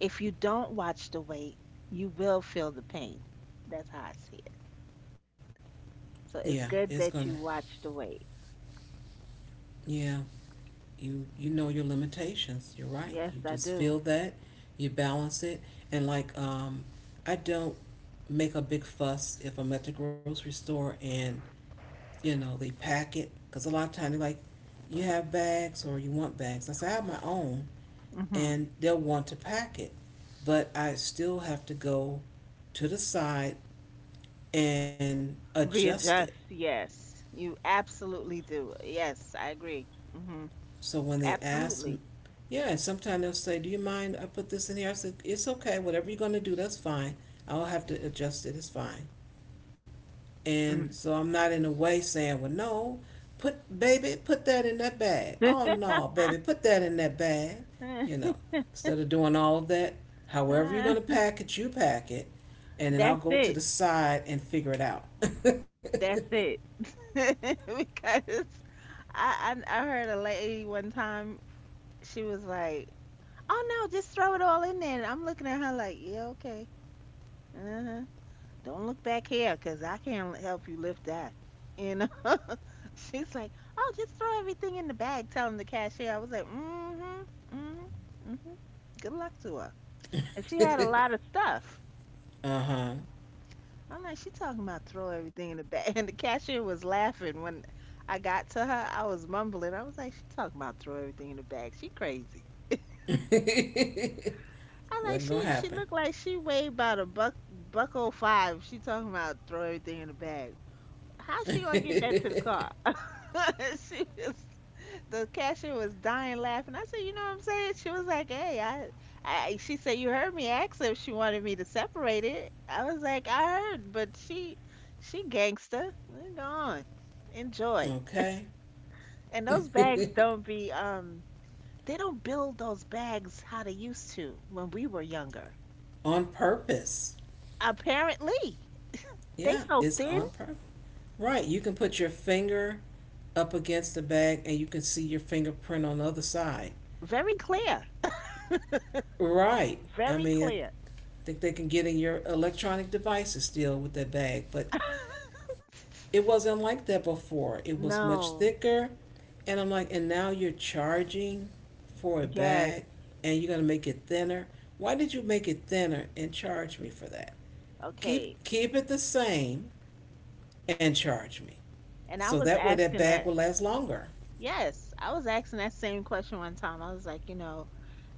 S2: If you don't watch the weight, you will feel the pain. That's how I see it.
S1: Yeah.
S2: So it's
S1: It's
S2: good
S1: gonna.
S2: that you watch the weight.
S1: Yeah. You you know your limitations. You're right. You
S2: Yes, I
S1: just feel
S2: do.
S1: that, you balance it, and like, I don't make a big fuss if I'm at the grocery store and, you know, they pack it because a lot of times they're like, you have bags or you want bags. I say I have my own,
S2: Mhm.
S1: and they'll want to pack it, but I still have to go to the side and adjust it.
S2: Readjust. Yes. You absolutely do. Yes, I agree. Mhm.
S1: So when they ask,
S2: Absolutely.
S1: yeah, and sometimes they'll say, "Do you mind I put this in here?" I said, "It's okay. Whatever you're gonna do, that's fine. I'll have to adjust it. It's fine." And
S2: Mm.
S1: so I'm not in a way saying, "Well, no, put baby, put that in that bag. Oh no, baby, put that in that bag." You know, instead of doing all of that, however you're gonna pack it, you pack it, and then I'll
S2: That's
S1: go to
S2: it.
S1: the side and figure it out.
S2: That's it. Because I heard a lady one time, she was like, "Oh no, just throw it all in there." And I'm looking at her like, "Yeah, okay. Uh-huh. Don't look back here, 'cause I can't help you lift that." You know? She's like, "Oh, just throw everything in the bag." Telling the cashier, I was like, "Mm-hmm, mm-hmm, mm-hmm." Good luck to her. And she had a lot of stuff.
S1: uh huh.
S2: I'm like, she talking about throw everything in the bag. And the cashier was laughing when I got to her. I was mumbling. I was like, she talking about throw everything in the bag. She crazy. I like
S1: Wasn't gonna
S2: she
S1: happen.
S2: looked like she weighed about a buck oh five. She talking about throw everything in the bag. How she gonna get that to the car? She was the cashier was dying laughing. I said, you know what I'm saying? She was like, hey, she said, you heard me ask her if she wanted me to separate it. I was like, I heard, but she gangster. Go on, enjoy.
S1: Okay.
S2: And those bags don't be, they don't build those bags how they used to when we were younger.
S1: on purpose.
S2: Apparently, they
S1: Yeah,
S2: so
S1: it's
S2: thin,
S1: on purpose. Right. You can put your finger up against the bag and you can see your fingerprint on the other side.
S2: very clear,
S1: Right. I
S2: very
S1: mean, I
S2: clear.
S1: think they can get in your electronic devices still with that bag, but it wasn't like that before. It was much
S2: No.
S1: thicker. And I'm like, and now you're charging for a
S2: Yes.
S1: bag and you're going to make it thinner. Why did you make it thinner and charge me for that?
S2: Okay.
S1: Keep it the same and charge me.
S2: And
S1: So
S2: I was
S1: that way that
S2: asking
S1: bag will
S2: that.
S1: last longer.
S2: Yes, I was asking that same question one time. I was like, you know,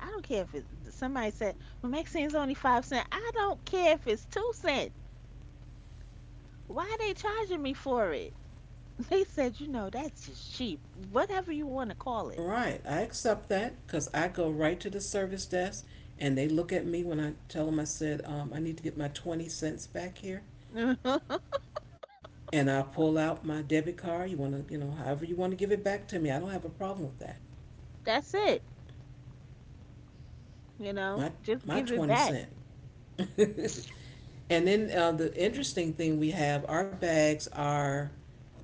S2: I don't care if it, somebody said, well, Maxine's only 5 cents. I don't care if it's 2 cents. Why are they charging me for it? They said, you know, that's just cheap. Whatever you want to call
S1: All
S2: it.
S1: right, I accept that because I go right to the service desk and they look at me when I tell them. I said, I need to get my 20 cents back here. And I pull out my debit card. You want to, you know, however you want to give it back to me. I don't have a problem with that.
S2: That's it. You know,
S1: My
S2: just
S1: my
S2: give it
S1: 20
S2: back.
S1: cent. And then the interesting thing, we have, our bags are,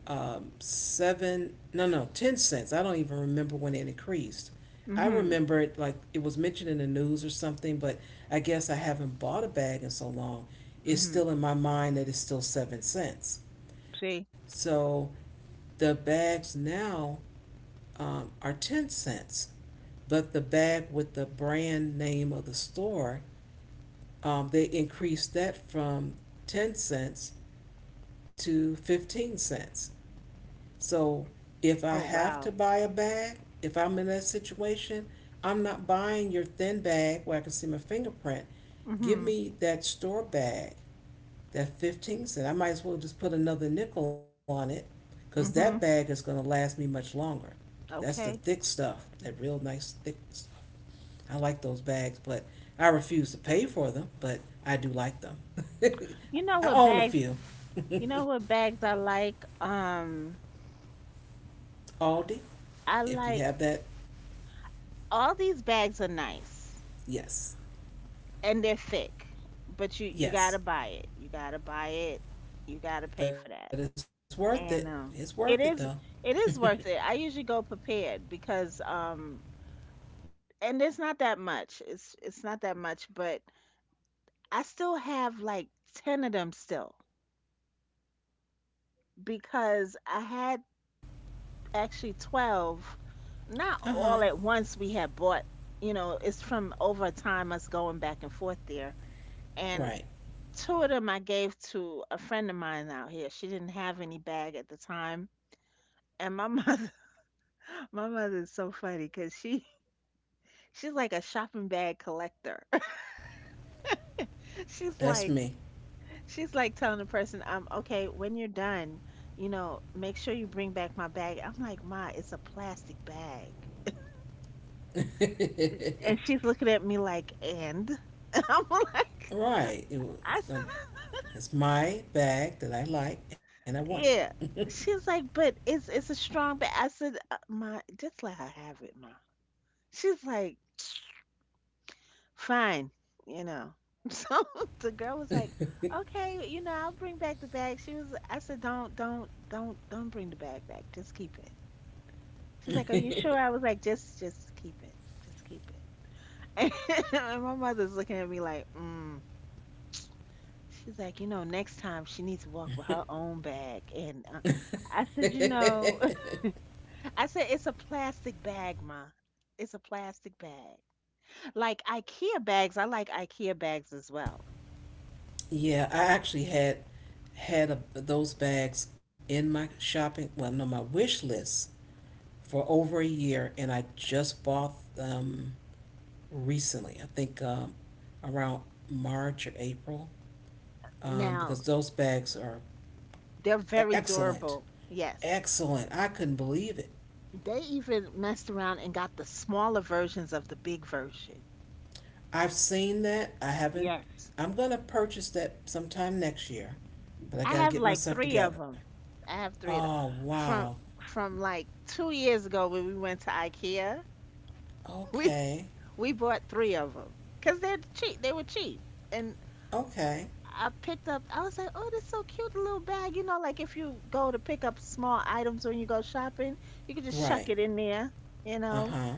S1: seven, no, no, 10 cents. I don't even remember when it increased. I
S2: Mhm.
S1: remember it like it was mentioned in the news or something, but I guess I haven't bought a bag in so long. It's
S2: Mhm.
S1: still in my mind that it's still 7 cents.
S2: See?
S1: So the bags now, are 10 cents, but the bag with the brand name of the store, they increased that from 10 cents to 15 cents. So if I
S2: Oh
S1: have
S2: wow.
S1: to buy a bag, if I'm in that situation, I'm not buying your thin bag where I can see my fingerprint. Give
S2: Mhm.
S1: me that store bag, that 15 cent. I might as well just put another nickel on it because that bag is
S2: Mhm.
S1: going to last me much longer. That's the thick
S2: Okay.
S1: stuff, that real nice thick stuff. I like those bags, but I refuse to pay for them, but I do like them.
S2: You know
S1: I
S2: what
S1: own a
S2: bags?
S1: few.
S2: You know what bags I like?
S1: Aldi,
S2: I
S1: if you
S2: like
S1: have that,
S2: all these bags are nice
S1: yes.
S2: and they're thick, but you gotta buy it. You
S1: Yes,
S2: gotta buy it. You gotta pay for that.
S1: but it's worth
S2: And
S1: it. It's
S2: it
S1: worth it
S2: is
S1: though.
S2: it is worth it. I usually go prepared because and it's not that much. It's not that much, but I still have like 10 of them still because I had actually 12.
S1: Uh
S2: Not
S1: huh.
S2: all at once. We had bought. You know, it's from over time us going back and forth there and
S1: Right.
S2: 2 of them I gave to a friend of mine out here. She didn't have any bag at the time. And my mother, my mother is so funny because she's like a shopping bag collector. She's
S1: That's
S2: like,
S1: me.
S2: she's like telling the person, okay, when you're done, you know, make sure you bring back my bag. I'm like, Ma, it's a plastic bag. And she's looking at me like, and? And I'm like,
S1: right. It was,
S2: I
S1: um,
S2: said,
S1: it's my bag that I like and I want
S2: yeah. She's like, but it's a strong bag. I said, Ma, just let her have it, Ma. She's like, fine, you know. So the girl was like, okay, you know, I'll bring back the bag. She was, I said, don't bring the bag back. Just keep it. She's like, are you sure? I was like, just keep it. Just keep it. And my mother's looking at me like, She's like, you know, next time she needs to walk with her own bag. And I said, you know,
S1: it.
S2: I said, it's a plastic bag, Ma. It's a plastic bag. Like IKEA bags, I like IKEA bags as well.
S1: Yeah, I actually had a, those bags in my shopping, well, no, my wish list for over a year, and I just bought them recently. I think around March or April, because
S2: Now,
S1: those bags are
S2: they're very
S1: excellent.
S2: durable. Yes.
S1: Excellent. I couldn't believe it.
S2: They even messed around and got the smaller versions of the big version.
S1: I've seen that. I haven't.
S2: Yes.
S1: I'm gonna purchase that sometime next year, but I
S2: I
S1: gotta
S2: have
S1: get
S2: like
S1: myself
S2: three of
S1: together.
S2: them. I have three of them.
S1: Oh wow.
S2: From from like 2 years ago when we went to IKEA, we
S1: Okay.
S2: we bought three of them because they're cheap. They were cheap, and
S1: Okay.
S2: I picked up. I was like, "Oh, this is so cute, the little bag." You know, like if you go to pick up small items when you go shopping, you can just
S1: Right.
S2: chuck it in there. You
S1: Uh
S2: know,
S1: huh.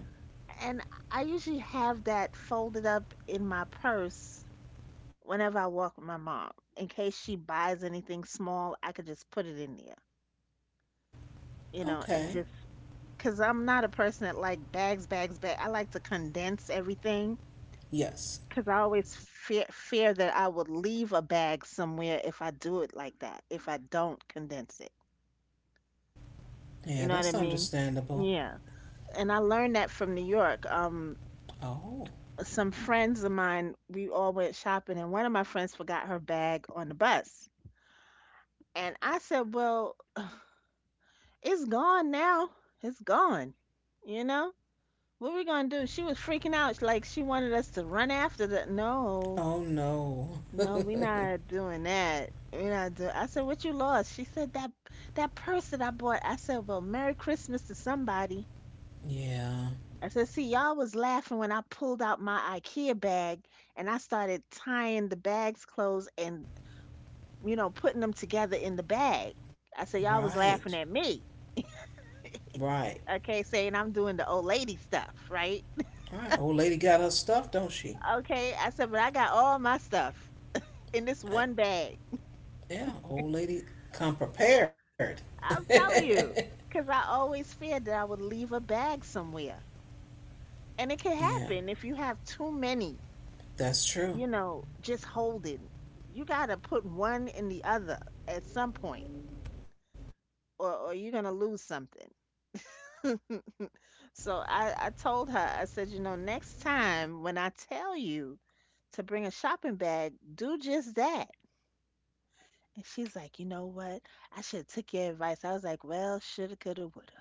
S2: and I usually have that folded up in my purse whenever I walk with my mom. In case she buys anything small, I could just put it in there, you know, and
S1: Okay.
S2: just because I'm not a person that like bags, bags, bags. I like to condense everything
S1: Yes.
S2: because I always fear that I would leave a bag somewhere if I do it like that, if I don't condense it. You
S1: Yeah,
S2: know what I
S1: that's
S2: mean?
S1: understandable.
S2: Yeah. And I learned that from New York.
S1: Oh.
S2: Some friends of mine, we all went shopping, and one of my friends forgot her bag on the bus. And I said, well, it's gone now. It's gone. You know? What we gonna do? She was freaking out. She- like, she wanted us to run after the. No,
S1: Oh no.
S2: no, we not doing that. We not doing. I said, what you lost? She said, that purse that I bought. I said, well, Merry Christmas to somebody.
S1: Yeah.
S2: I said, see, y'all was laughing when I pulled out my IKEA bag and I started tying the bag's clothes and you know, putting them together in the bag. I said, y'all was
S1: Right.
S2: laughing at me.
S1: Right.
S2: Okay, saying I'm doing the old lady stuff, right?
S1: All right. Old lady got her stuff, don't she?
S2: Okay, I said, but I got all my stuff in this
S1: Uh,
S2: one bag.
S1: yeah. Old lady come prepared.
S2: I'm telling you, because I always feared that I would leave a bag somewhere. And it can
S1: yeah.
S2: happen if you have too many,
S1: That's true.
S2: you know, just holding. You got to put one in the other at some point, or you're going to lose something. So I told her, I said, you know, next time when I tell you to bring a shopping bag, do just that. And she's like, you know what? I should have took your advice. I was like, well, shoulda, coulda, woulda.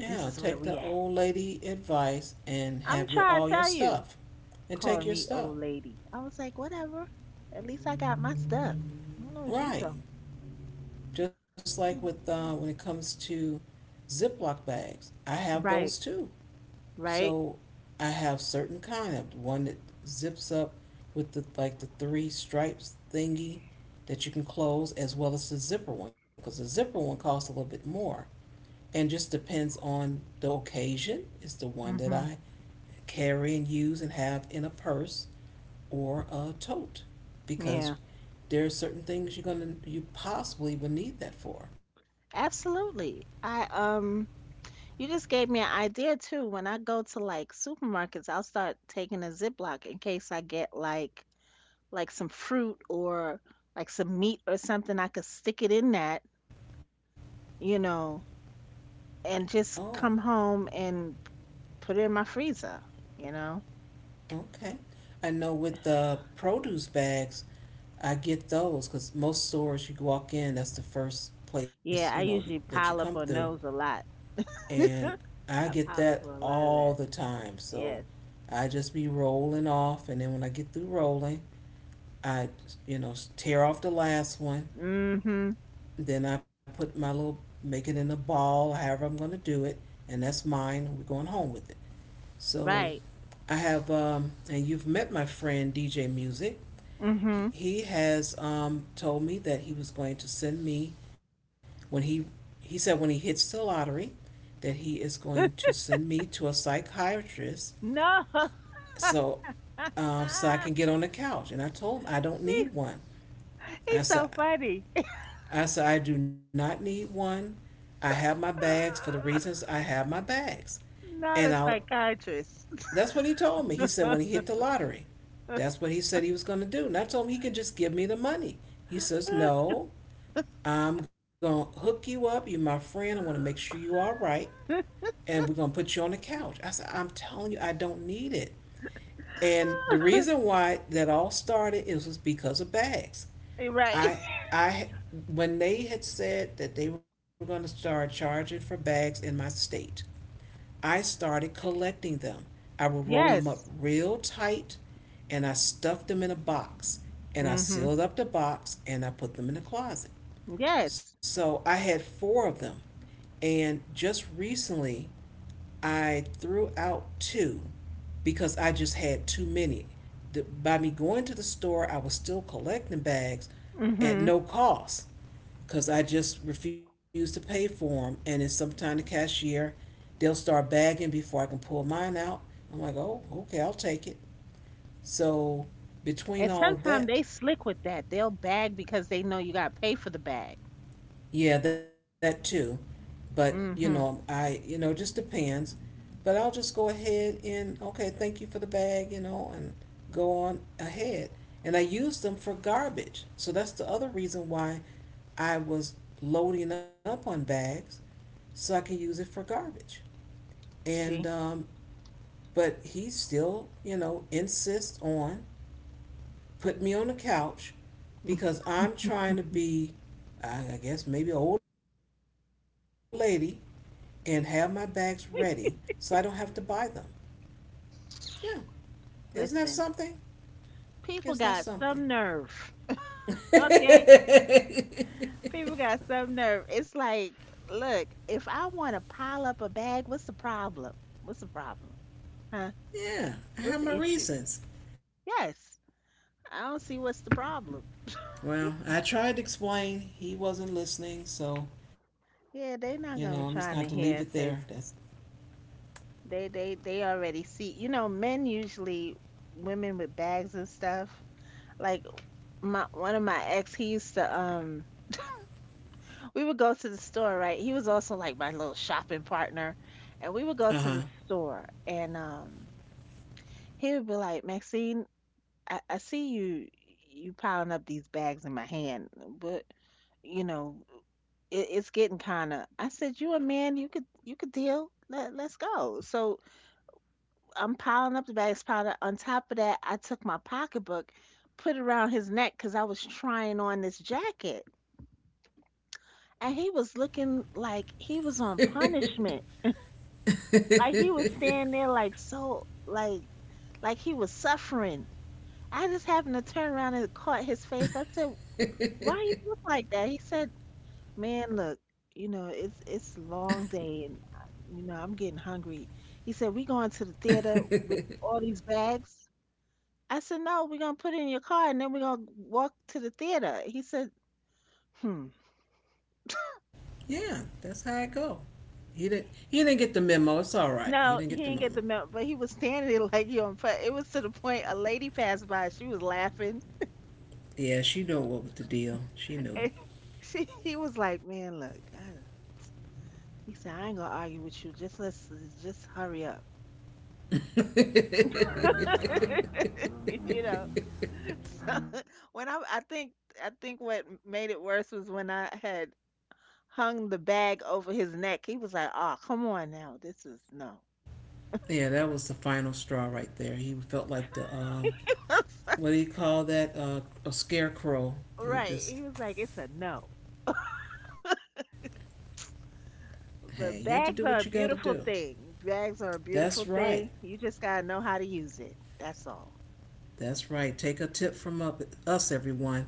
S2: This is where
S1: take
S2: we
S1: the
S2: at.
S1: old lady advice and
S2: I'm
S1: have your
S2: trying to
S1: all your
S2: tell you.
S1: stuff, and take
S2: Calling
S1: your
S2: me
S1: stuff.
S2: old lady. I was like, whatever. At least I got my stuff. I don't know what you
S1: Right,
S2: talking.
S1: just like with when it comes to Ziploc bags, I have those
S2: Right,
S1: too.
S2: right.
S1: So I have certain kind of one that zips up with the like the three stripes thingy that you can close, as well as the zipper one, because the zipper one costs a little bit more, and just depends on the occasion. It's the one that
S2: Mhm.
S1: I carry and use and have in a purse or a tote because
S2: Yeah.
S1: there are certain things you're gonna you possibly would need that for.
S2: Absolutely. I you just gave me an idea too. When I go to like supermarkets, I'll start taking a Ziploc in case I get like some fruit or like some meat or something. I could stick it in that, you know, and
S1: Oh,
S2: just come home and put it in my freezer, you know.
S1: okay. I know with the produce bags, I get those because most stores you walk in, that's the first place
S2: Yeah, I usually
S1: that you come
S2: pile up
S1: through,
S2: on those a lot.
S1: and I
S2: I
S1: get
S2: pile
S1: that
S2: up on a lot of
S1: all
S2: that.
S1: the time. So
S2: Yes.
S1: I just be rolling off, and then when I get through rolling, I you know, tear off the last one.
S2: Mm-hmm.
S1: Then I put my little, make it in a ball, however I'm going to do it, and that's mine. We're going home with it. So
S2: Right.
S1: I have, and you've met my friend DJ Music. He,
S2: Mm-hmm.
S1: he has told me that he was going to send me when he said when he hits the lottery that he is going to send me to a psychiatrist
S2: No.
S1: so so I can get on the couch. And I told him I don't
S2: He's
S1: need one. I
S2: he's
S1: said
S2: so funny.
S1: I said, I do not need one. I have my bags for the reasons I have my bags. And
S2: Not a
S1: I'll,
S2: psychiatrist.
S1: that's what he told me. He said, when he hit the lottery, that's what he said he was going to do. And I told him he could just give me the money. He says, no, I'm going to hook you up. You're my friend. I want to make sure you're all right. And we're going to put you on the couch. I said, I'm telling you, I don't need it. And the reason why that all started is was because of bags.
S2: Right.
S1: I I when they had said that they were going to start charging for bags in my state, I started collecting them. I would roll them up
S2: Yes.
S1: real tight and I stuffed them in a box and I
S2: Mhm.
S1: sealed up the box and I put them in the closet.
S2: Yes.
S1: So I had four of them and just recently I threw out two because I just had too many. By me going to the store, I was still collecting bags at
S2: Mhm.
S1: no cost because I just refuse to pay for them. And it's sometime the cashier, they'll start bagging before I can pull mine out. I'm like, oh, okay, I'll take it. So between
S2: And
S1: all of
S2: sometimes
S1: that,
S2: they slick with that. They'll bag because they know you got to pay for the bag.
S1: yeah, that too. But you know,
S2: Mhm.
S1: I you know, it just depends. But I'll just go ahead and, okay, thank you for the bag, you know, and go on ahead. And I use them for garbage. So that's the other reason why I was loading up on bags so I can use it for garbage. And
S2: See?
S1: but he still, you know, insists on putting me on the couch because I'm trying to be, I guess, maybe an old lady and have my bags ready so I don't have to buy them. Yeah. Isn't that
S2: Listen.
S1: something? Isn't
S2: People
S1: that
S2: got
S1: something?
S2: some nerve. Okay? People got some nerve. It's like, look, if I want to pile up a bag, what's the problem? What's the problem? Huh?
S1: yeah. I have
S2: What's
S1: my
S2: the issue?
S1: reasons.
S2: Yes. I don't see what's the problem.
S1: Well, I tried to explain. He wasn't listening. So, you know, I'm
S2: Yeah,
S1: just going
S2: they're
S1: to have to
S2: not
S1: leave
S2: gonna
S1: it
S2: be
S1: there.
S2: trying to hear because. They already see. You know, men usually women with bags and stuff. Like my one of my ex, he used to we would go to the store, right? He was also like my little shopping partner. And we would
S1: Uh
S2: go
S1: huh.
S2: to the store and he would be like, Maxine, I see you piling up these bags in my hand, but you know, it's getting kinda I said, you a man, you could deal. Let's go. So I'm piling up the bags, piling up. On top of that, I took my pocketbook, put it around his neck because I was trying on this jacket. And he was looking like he was on punishment. Like he was standing there like so like he was suffering. I just happened to turn around and caught his face. I said, why you look like that? He said, man, look, you know, it's a long day and you know, I'm getting hungry. He said, we going to the theater with all these bags. I said, "No, we're gonna put it in your car and then we're gonna walk to the theater." He said, "Hmm."
S1: Yeah. That's how I go. He didn't. He didn't get the memo. It's all right. He
S2: No,
S1: didn't
S2: he
S1: get the
S2: didn't get
S1: memo.
S2: the memo, but he was standing there like you on fire. It was to the point a lady passed by. She was laughing,
S1: Yeah, she knew what was the deal. She knew.
S2: and she he was like, "Man, look." He said, "I ain't gonna argue with you. Just let's just hurry up." you know. So when I I think what made it worse was when I had hung the bag over his neck. He was like, "Oh, come on now. This is no."
S1: Yeah, that was the final straw right there. He felt like the what do you call that? A scarecrow. You
S2: Right.
S1: just,
S2: He was like, it's a no.
S1: hey, you have to do
S2: But
S1: what you got to
S2: bags are a
S1: do.
S2: beautiful thing. Bags are a
S1: That's
S2: beautiful
S1: right.
S2: thing. You just got to know how to use it. That's all.
S1: That's right. Take a tip from us, everyone.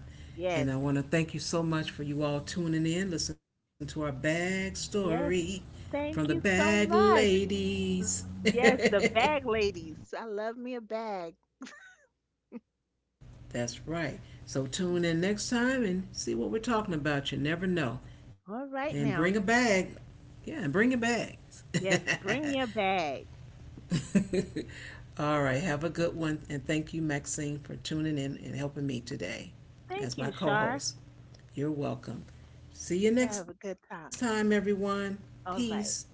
S1: And I
S2: Yes.
S1: want to thank you so much for you all tuning in. Listen to our bag story
S2: Yes.
S1: from the
S2: Thank you
S1: bag
S2: so much.
S1: ladies.
S2: Yes, the bag ladies. I love me a bag.
S1: That's right. So tune in next time and see what we're talking about. You never know. And
S2: All
S1: bring a
S2: right now.
S1: bag. Yeah, and bring your bags.
S2: Yes, bring your bag.
S1: All right. Have a good one. And thank you, Maxine, for tuning in and helping me today
S2: Thank
S1: as my
S2: you,
S1: co
S2: Shar.
S1: host. You're welcome. See you
S2: You have a
S1: next
S2: good time.
S1: time, everyone.
S2: All right.
S1: Peace.